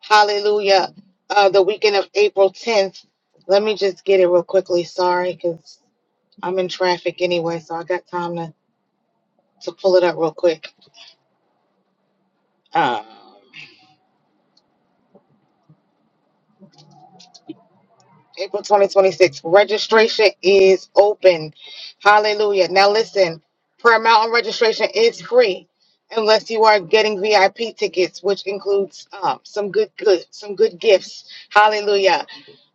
A: Hallelujah. Uh, the weekend of April 10th. Let me just get it real quickly. Sorry, because I'm in traffic anyway, so I got time to, to pull it up real quick. Uh, April 2026. Registration is open. Hallelujah. Now listen, Prayer Mountain registration is free unless you are getting VIP tickets, which includes um, some good good some good gifts. Hallelujah.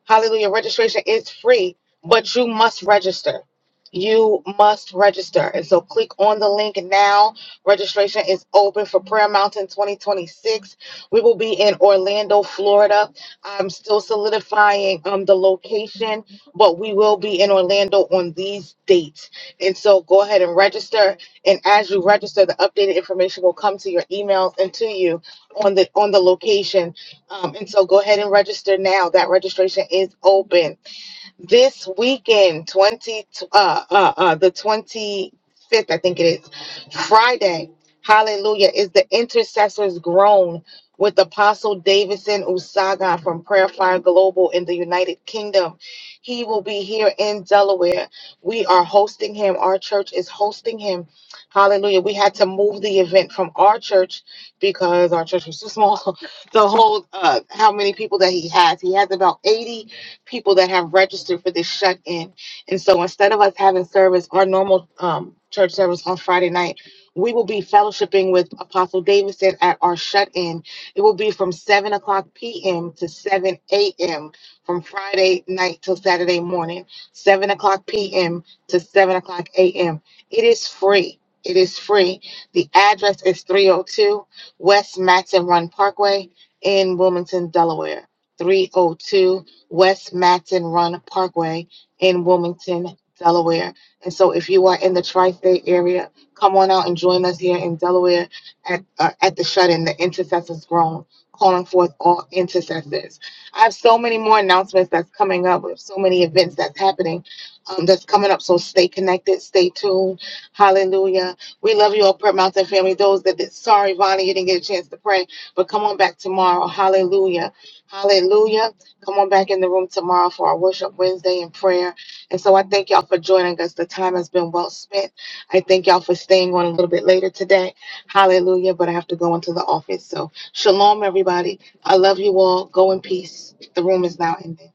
A: Hallelujah. Registration is free, but you must register. You must register. And so click on the link now. Registration is open for Prayer Mountain 2026. We will be in Orlando, Florida. I'm still solidifying um, the location, but we will be in Orlando on these dates. And so go ahead and register. And as you register, the updated information will come to your emails and to you on the on the location um, and so go ahead and register now. That registration is open this weekend 20 uh uh, uh the 25th i think it is friday hallelujah is the intercessors groan with apostle davidson usaga from prayer fire global in the united kingdom he will be here in delaware we are hosting him our church is hosting him hallelujah we had to move the event from our church because our church was too small to hold uh, how many people that he has he has about 80 people that have registered for this shut in. And so instead of us having service, our normal um, church service on Friday night, we will be fellowshipping with Apostle Davidson at our shut in. It will be from 7 o'clock p.m. to 7 a.m. from Friday night till Saturday morning, 7 o'clock p.m. to 7 o'clock a.m. It is free. It is free. The address is 302 West Matson Run Parkway in Wilmington, Delaware. 302 West Matson Run Parkway in Wilmington, Delaware. And so if you are in the tri-state area, come on out and join us here in Delaware at, uh, at the shut-in, the Intercessors Grown, calling forth all intercessors. I have so many more announcements that's coming up. We have so many events that's happening um, that's coming up. So stay connected, stay tuned. Hallelujah. We love you all, Prayer Mountain family. Those that did, sorry, Vonnie, you didn't get a chance to pray, but come on back tomorrow. Hallelujah. Hallelujah. Come on back in the room tomorrow for our worship Wednesday and prayer. And so I thank y'all for joining us. The time has been well spent. I thank y'all for staying on a little bit later today. Hallelujah. But I have to go into the office. So shalom, everybody. I love you all. Go in peace. The room is now ending.